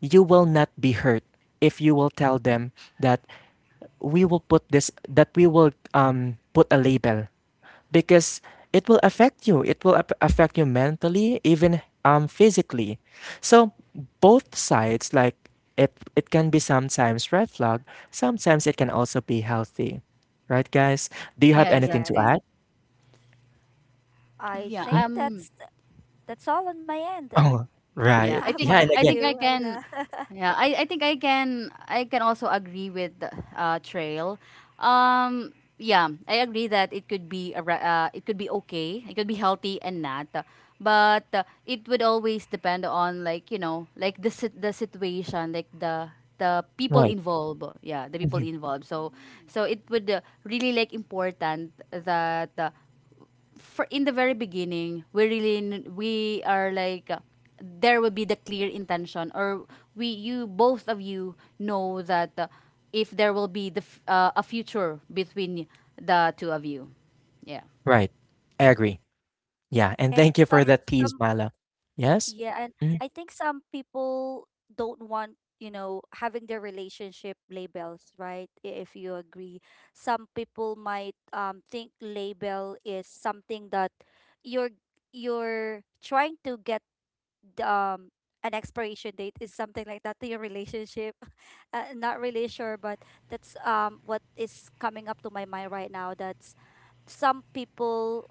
Speaker 1: you will not be hurt if you will tell them that we will put this that we will um put a label because it will affect you. It will ap- affect you mentally, even um physically. So both sides, like it, it can be sometimes red flag. Sometimes it can also be healthy, right, guys? Do you have
Speaker 2: yeah,
Speaker 1: anything to
Speaker 3: Yes.
Speaker 2: exactly.
Speaker 1: add?
Speaker 3: I
Speaker 2: Yeah,
Speaker 3: think
Speaker 1: Mm.
Speaker 2: um,
Speaker 3: that's that's all on my end.
Speaker 1: Oh,
Speaker 2: yeah,
Speaker 3: How
Speaker 1: right.
Speaker 2: I think
Speaker 3: about
Speaker 1: Yeah, and
Speaker 2: I
Speaker 1: again,
Speaker 2: think
Speaker 3: you,
Speaker 2: I
Speaker 3: Ayla?
Speaker 2: can. Yeah, I, I think I can I can also agree with uh, Trail. Um, yeah, I agree that it could be a, ra- uh, it could be okay, it could be healthy and not, but uh, it would always depend on, like, you know, like the sit- the situation, like the the people
Speaker 1: right,
Speaker 2: involved. Yeah, the people
Speaker 1: mhm,
Speaker 2: involved. So
Speaker 3: Mm.
Speaker 2: so it would, uh, really, like, important that. Uh, for in the very beginning, we really n- we are like, uh, there will be the clear intention, or we you both of you know that uh, if there will be the f- uh, a future between the two of you, yeah.
Speaker 1: right. I agree. Yeah, and
Speaker 3: And
Speaker 1: thank you for
Speaker 3: some
Speaker 1: that
Speaker 3: some
Speaker 1: piece, Mila. Yes.
Speaker 3: Yeah, and I
Speaker 1: Mhm.
Speaker 3: think some people don't want, you know, having their relationship labels, right? I- If you agree. Some people might, um think label is something that you're you're trying to get the, um an expiration date is something like that to your relationship. Uh, not really sure, but that's, um what is coming up to my mind right now. That's some people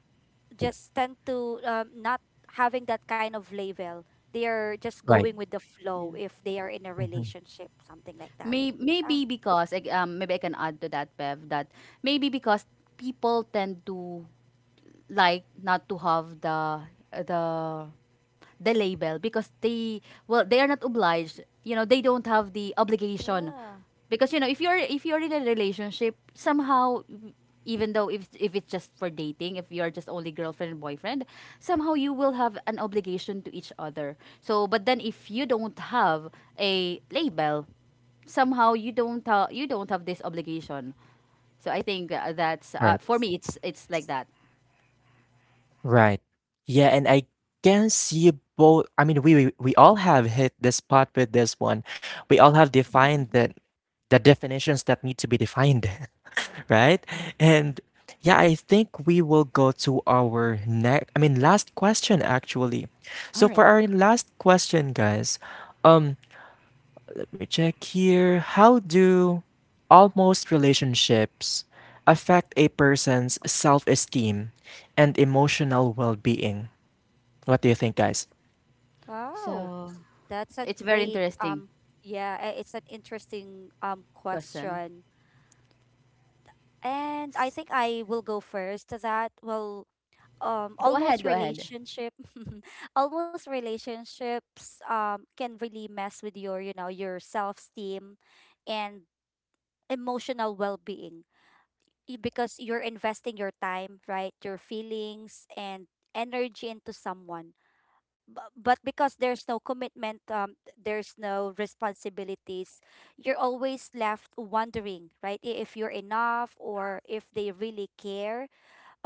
Speaker 3: just tend to, um, not having that kind of label. They are just going
Speaker 1: Right.
Speaker 3: with the flow
Speaker 2: Yeah.
Speaker 3: if they are in a
Speaker 1: Mhm.
Speaker 3: relationship, something like that.
Speaker 2: May,
Speaker 3: Ah,
Speaker 2: maybe because, like, um, maybe I can add to that, Bev, that maybe because people tend to like not to have the the the label because they, well, they are not obliged, you know, they don't have the obligation
Speaker 3: yeah.
Speaker 2: because, you know, if you're if you're in a relationship somehow, even though if if it's just for dating, if you're just only girlfriend and boyfriend, somehow you will have an obligation to each other. So but then if you don't have a label, somehow you don't ha- you don't have this obligation. So I think, uh, that's, uh,
Speaker 1: Right.
Speaker 2: for me it's it's like that.
Speaker 1: Right. Yeah, and I can see both. I mean, we we, we all have hit the spot with this one. We all have defined the the definitions that need to be defined, right? And yeah, I think we will go to our next. I mean, last question actually.
Speaker 2: All
Speaker 1: So for
Speaker 2: right.
Speaker 1: our last question, guys, um, let me check here. How do almost relationships affect a person's self-esteem and emotional well-being? What do you think, guys?
Speaker 3: Wow,
Speaker 2: So
Speaker 3: that's a
Speaker 2: it's very
Speaker 3: great,
Speaker 2: interesting
Speaker 3: um yeah, I- it's an interesting, um
Speaker 2: question.
Speaker 3: question. And I think I will go first to that. Well, um
Speaker 2: Go ahead,
Speaker 3: almost
Speaker 2: go ahead.
Speaker 3: relationship. Almost relationships, um can really mess with your, you know, your self-esteem and emotional well-being. Y- because you're investing your time, right? Your feelings and energy into someone. Bu- But because there's no commitment, um, there's no responsibilities, you're always left wondering, right? i- If you're enough or if they really care.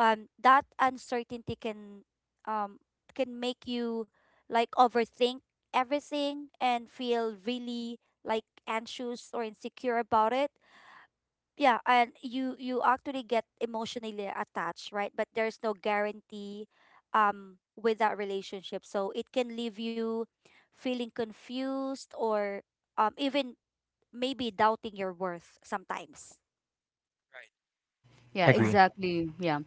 Speaker 3: Um, that uncertainty can, um, can make you like overthink everything and feel really like anxious or insecure about it. Yeah, and you you actually get emotionally attached, right? But there's no guarantee, um with that relationship, so it can leave you feeling confused or, um even maybe doubting your worth sometimes.
Speaker 2: Yeah,
Speaker 1: Agree.
Speaker 3: Yeah.
Speaker 2: exactly. Yeah.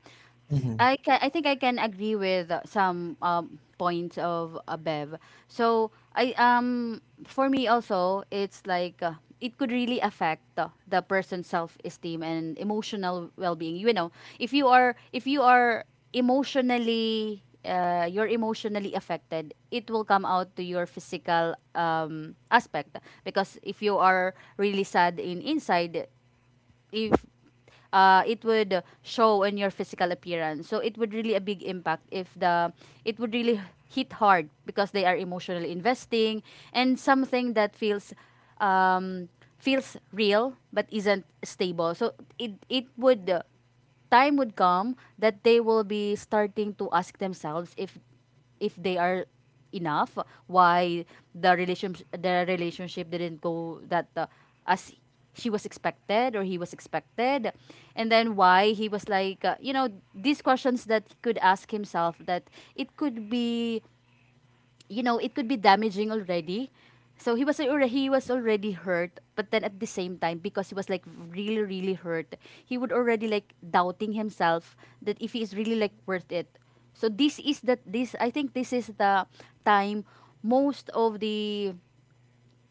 Speaker 1: Hmm.
Speaker 2: I can, I think I can agree with uh, some, um, points of, uh, Bev. So I um for me also it's like, uh, it could really affect, uh, the person's self-esteem and emotional well-being. You know, if you are if you are emotionally, uh, you're emotionally affected, it will come out to your physical, um, aspect because if you are really sad in inside, if, uh, it would show in your physical appearance. So it would really a big impact if the it would really hit hard because they are emotionally investing and something that feels, um, feels real but isn't stable. So it it would, uh,
Speaker 3: Mm,
Speaker 2: time would come that they will be starting to ask themselves if if they are enough, why the relationship the relationship didn't go that, uh, as she was expected or he was expected, and then why he was like, uh, you know, these questions that he could ask himself, that it could be, you know, it could be damaging already. So he was already he was already hurt, but then at the same time, because he was like really really hurt, he would already, like, doubting himself, that if he is really like worth it. So this is that this I think this is the time most of the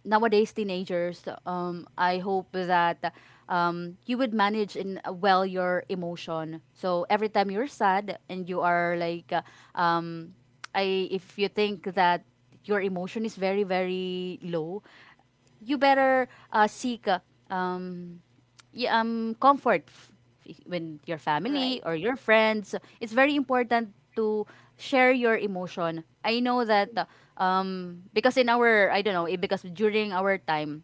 Speaker 2: nowadays teenagers, um, I hope that, um, you would manage in, uh, well, your emotion. So every time you're sad and you are like, uh, um, I if you think that your emotion is very very low, you better, uh, seek, uh, um, y- um, comfort f- f- when your family
Speaker 3: right.
Speaker 2: or your friends. It's very important to share your emotion. I know that, uh, um, because in our, I don't know, eh, because during our time,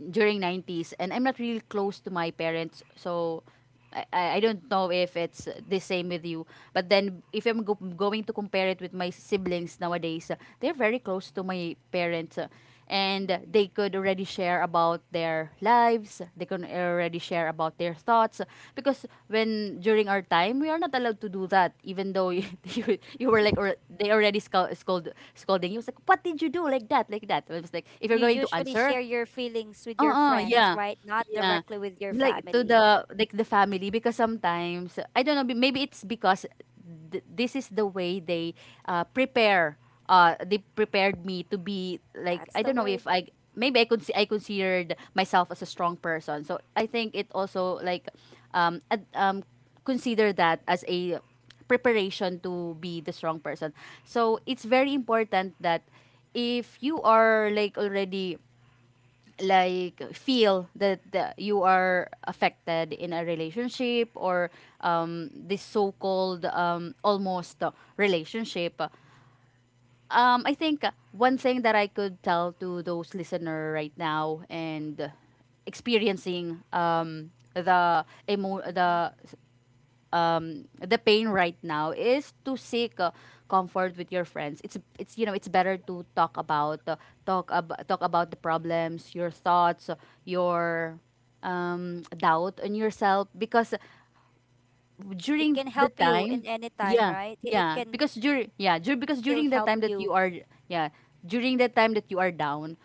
Speaker 2: during nineties, and I'm not really close to my parents. So I- I, I don't know if it's the same with you, but then if I'm go- going to compare it with my siblings nowadays, uh, they're very close to my parents, uh, and they
Speaker 3: Mm.
Speaker 2: could already share about their lives, they can already share about their thoughts, uh, because when during our time we are not allowed to do that, even though you you, you were like, or they already scold, scold scolding you. It was like, what did you do like that, like that? It was like, if you're
Speaker 3: You
Speaker 2: going to
Speaker 3: usually
Speaker 2: answer.
Speaker 3: share your feelings with your
Speaker 2: Oo, yeah,
Speaker 3: friends, right, not
Speaker 2: yeah.
Speaker 3: directly with your
Speaker 2: Like, to
Speaker 3: family?
Speaker 2: the like, the family, because sometimes, I don't know, b maybe it's because th this is the way they, uh, prepare, uh, they prepared me to be like, I
Speaker 3: That's the
Speaker 2: don't know if
Speaker 3: word.
Speaker 2: I maybe I could, I considered myself as a strong person. So I think it also like, um, ad um, consider that as a preparation to be the strong person. So it's very important that if you are like already like feel that, that you are affected in a relationship, or um, this so-called, um, almost, uh, relationship, um, I think one thing that I could tell to those listener right now and experiencing, um, the emo-
Speaker 3: Hmm.
Speaker 2: the, um, the pain right now is to seek, uh, comfort with your friends. It's it's you know, it's better to talk about, uh, talk ab- talk about the problems, your thoughts, uh, your, um, doubt on yourself, because
Speaker 3: It
Speaker 2: during
Speaker 3: can
Speaker 2: the
Speaker 3: help you
Speaker 2: time,
Speaker 3: in any time,
Speaker 2: yeah,
Speaker 3: right? It, it
Speaker 2: yeah,
Speaker 3: can
Speaker 2: because
Speaker 3: still
Speaker 2: during,
Speaker 3: help
Speaker 2: yeah dur-
Speaker 3: you.
Speaker 2: because during the time that you are, yeah, during the time that you are down,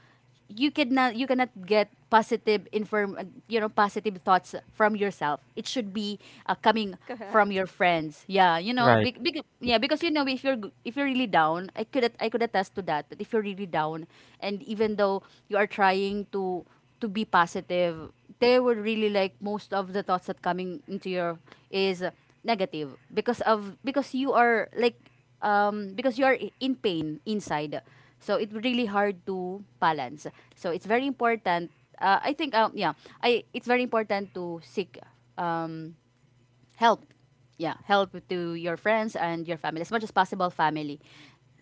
Speaker 2: you cannot you cannot get positive inform, uh, you know, positive thoughts from yourself. It should be, uh, coming
Speaker 3: Correct.
Speaker 2: from your friends. Yeah, you know,
Speaker 1: Right.
Speaker 2: big, big, yeah, because you know if you're g- if you're really down, I could at- I could attest to that, that if you're really down and even though you are trying to to be positive, they were really like, most of the thoughts that coming into your is negative, because of, because you are like, um, because you are i- in pain inside. So it's really hard to balance. So it's very important. Uh, I think, um, yeah, I it's very important to seek, um, help. Yeah, help to your friends and your family as much as possible. Family,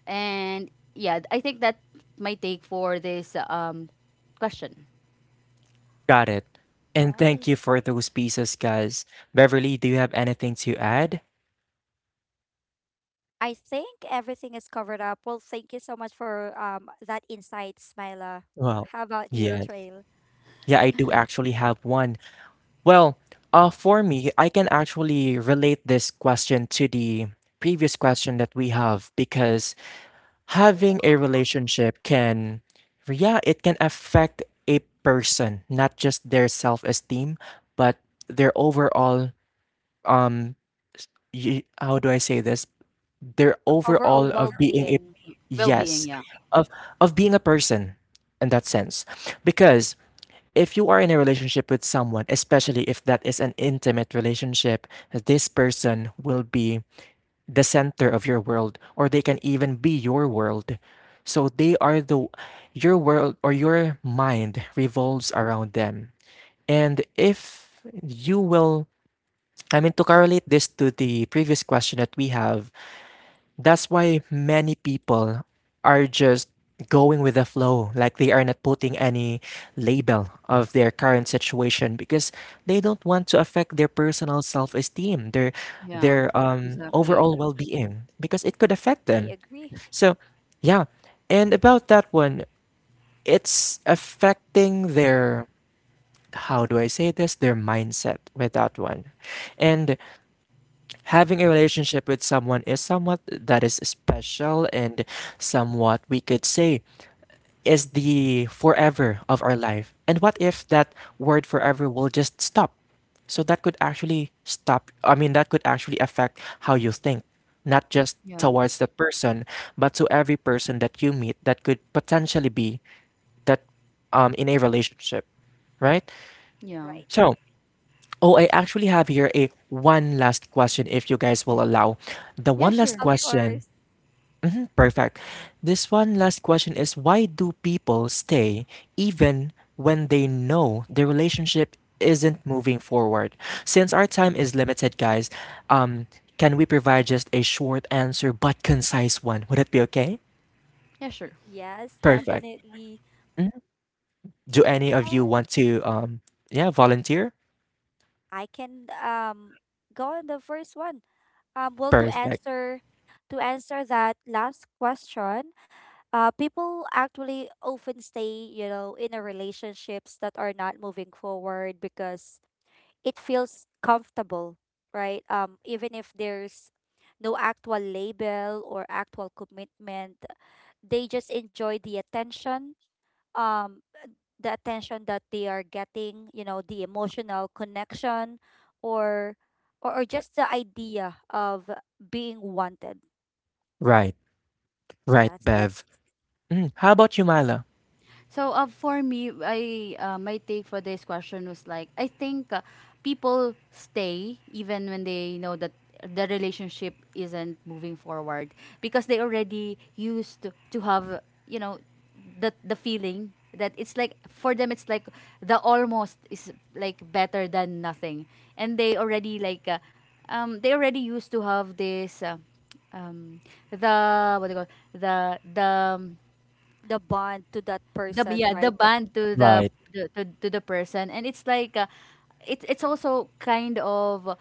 Speaker 2: and yeah, I think that my take for this, um, question.
Speaker 1: Got it. And thank
Speaker 3: Nice.
Speaker 1: you for those pieces, guys. Beverly, do you have anything to add?
Speaker 3: I think everything is covered up. Well, thank you so much for, um that insight, Smila.
Speaker 1: Well,
Speaker 3: How about you,
Speaker 1: yes.
Speaker 3: Trail?
Speaker 1: Yeah, I do actually have one. Well, uh, for me, I can actually relate this question to the previous question that we have because having a relationship can, yeah, it can affect a person, not just their self-esteem, but their overall um y- how do I say this? Their overall
Speaker 3: Overall
Speaker 1: of being a
Speaker 3: well-being.
Speaker 2: Well-being,
Speaker 1: yes,
Speaker 2: yeah,
Speaker 1: of of being a person in that sense. Because if you are in a relationship with someone, especially if that is an intimate relationship, this person will be the center of your world, or they can even be your world. So they are the your world or your mind revolves around them. And if you will I mean, to correlate this to the previous question that we have, that's why many people are just going with the flow. Like they are not putting any label of their current situation because they don't want to affect their personal self esteem, their
Speaker 2: yeah,
Speaker 1: their um
Speaker 3: Hmm.
Speaker 2: exactly,
Speaker 1: overall well being, because it could affect
Speaker 3: I
Speaker 1: them.
Speaker 3: agree.
Speaker 1: So yeah. And about that one, it's affecting their how do I say this? Their mindset with that one. And having a relationship with someone is somewhat that is special and somewhat we could say is the forever of our life. And what if that word forever will just stop? So that could actually stop, I mean, that could actually affect how you think, not just
Speaker 2: yeah,
Speaker 1: towards the person, but to every person that you meet that could potentially be that um, in a relationship, right?
Speaker 2: yeah,
Speaker 3: Right.
Speaker 1: So, oh, I actually have here a one last question if you guys
Speaker 2: yeah,
Speaker 1: will allow. The
Speaker 2: yeah,
Speaker 1: one last
Speaker 2: sure,
Speaker 3: Of
Speaker 1: question.
Speaker 3: course.
Speaker 1: Perfect. This one last question is why do people stay even when they know the relationship isn't moving forward? Since our time is limited, guys, um can we provide just a short answer but concise one? Would it be okay?
Speaker 2: yeah, sure.
Speaker 3: Yes,
Speaker 1: Perfect.
Speaker 3: definitely.
Speaker 1: Mhm. Do any of you
Speaker 3: And
Speaker 1: want to um yeah, volunteer?
Speaker 3: I can, um go on the first one. Um, well, to
Speaker 1: Perfect.
Speaker 3: answer to answer that last question, uh, people actually often stay, you know, in a relationships that are not moving forward because it feels comfortable, right? Um, even if there's no actual label or actual commitment, they just enjoy the attention, um, the attention that they are getting, you know, the emotional connection, or or, or just the idea of being wanted.
Speaker 1: Right. Right,
Speaker 3: That's it.
Speaker 1: Bev. Mm. How about you, Mila?
Speaker 2: So, uh, for me, I uh, my take for this question was like, I think, uh, people stay even when they know that the relationship isn't moving forward because they already used to, to have, you know, the the feeling that it's like for them it's like the almost is like better than nothing. And they already like, uh, um they already used to have this, uh, um the what do you call the the um,
Speaker 3: The bond to that
Speaker 2: the,
Speaker 3: person,
Speaker 2: yeah, the
Speaker 3: right? That
Speaker 2: band to the
Speaker 1: Right.
Speaker 2: to, to, to the person. And it's like, uh, it's it's also kind of,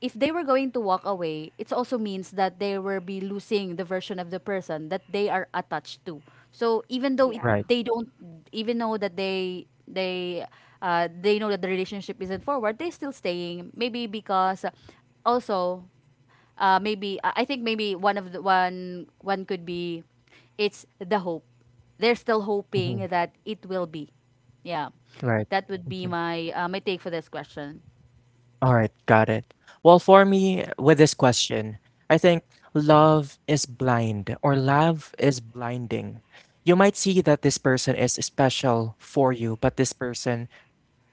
Speaker 2: if they were going to walk away, it also means that they will be losing the version of the person that they are attached to. So even though it,
Speaker 3: yeah.
Speaker 1: Right.
Speaker 2: they don't even know that they they uh, they know that the relationship isn't forward, they still staying maybe because, uh, also, uh, maybe I I think maybe one of the one one could be it's the hope. They're still
Speaker 1: Mhm.
Speaker 2: hoping that it will be. Yeah,
Speaker 1: Right.
Speaker 2: that would be
Speaker 1: Mhm.
Speaker 2: my, uh, my take for this question.
Speaker 1: Alright, got it. Well, for me, with this question, I think love is blind or love is blinding. You might see that this person is special for you, but this person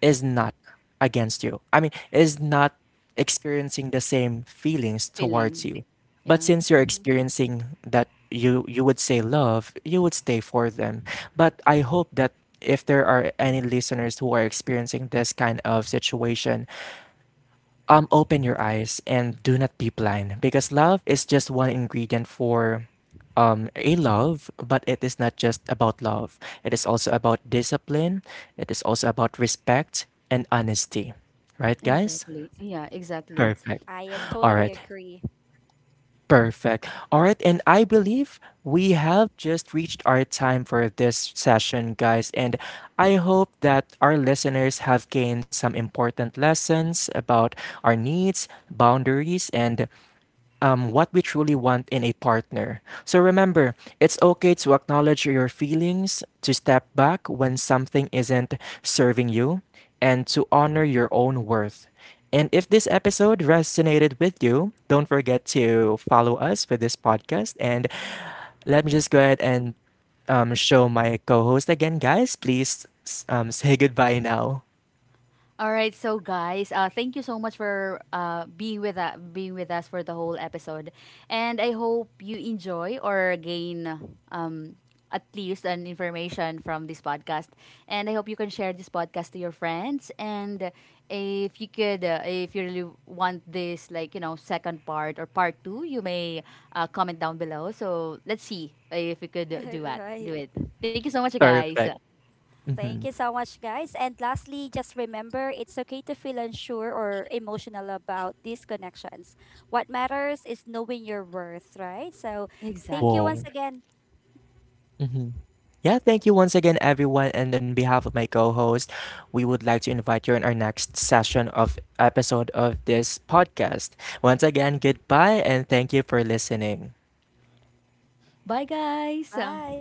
Speaker 1: is not against you. I mean, is not experiencing the same feelings towards
Speaker 2: Feeling.
Speaker 1: you. But
Speaker 2: Yeah,
Speaker 1: since you're
Speaker 3: Hmm.
Speaker 1: experiencing that you you would say love, you would stay for them. But I hope that if there are any listeners who are experiencing this kind of situation, um open your eyes and do not be blind because love is just one ingredient for um, a love, but it is not just about love. It is also about discipline. It is also about respect and honesty. Right, guys?
Speaker 2: exactly. Yeah, exactly.
Speaker 1: Perfect.
Speaker 3: I, uh, totally
Speaker 1: All right.
Speaker 3: agree.
Speaker 1: Perfect. All right. And I believe we have just reached our time for this session, guys. And I hope that our listeners have gained some important lessons about our needs, boundaries, and um, what we truly want in a partner. So remember, it's okay to acknowledge your feelings, to step back when something isn't serving you, and to honor your own worth. And if this episode resonated with you, don't forget to follow us for this podcast. And let me
Speaker 3: Hmm.
Speaker 1: just go ahead and um, show my co host again, guys. Please s- um, say goodbye now.
Speaker 2: All right, so guys, uh, thank you so much for, uh, being with uh, being with us for the whole episode, and I hope you enjoy or gain, um, at least an information from this podcast. And I hope you can share this podcast to your friends. And if you could, uh, if you really want this, like, you know, second part or part two, you may, uh, comment down below. So let's see if we could do that.
Speaker 3: Right.
Speaker 2: Do it. Thank you so much, guys.
Speaker 1: Perfect.
Speaker 3: Thank
Speaker 1: Hmm.
Speaker 3: you so much, guys. And lastly, just remember it's okay to feel unsure or emotional about these connections. What matters is knowing your worth, right? So, thank you
Speaker 2: Exactly.
Speaker 3: once
Speaker 1: Whoa.
Speaker 3: again.
Speaker 1: Hmm. Yeah, thank you once again, everyone. And on behalf of my co host, we would like to invite you in our next session of episode of this podcast. Once again, goodbye and thank you for listening.
Speaker 2: Bye, guys.
Speaker 3: Bye.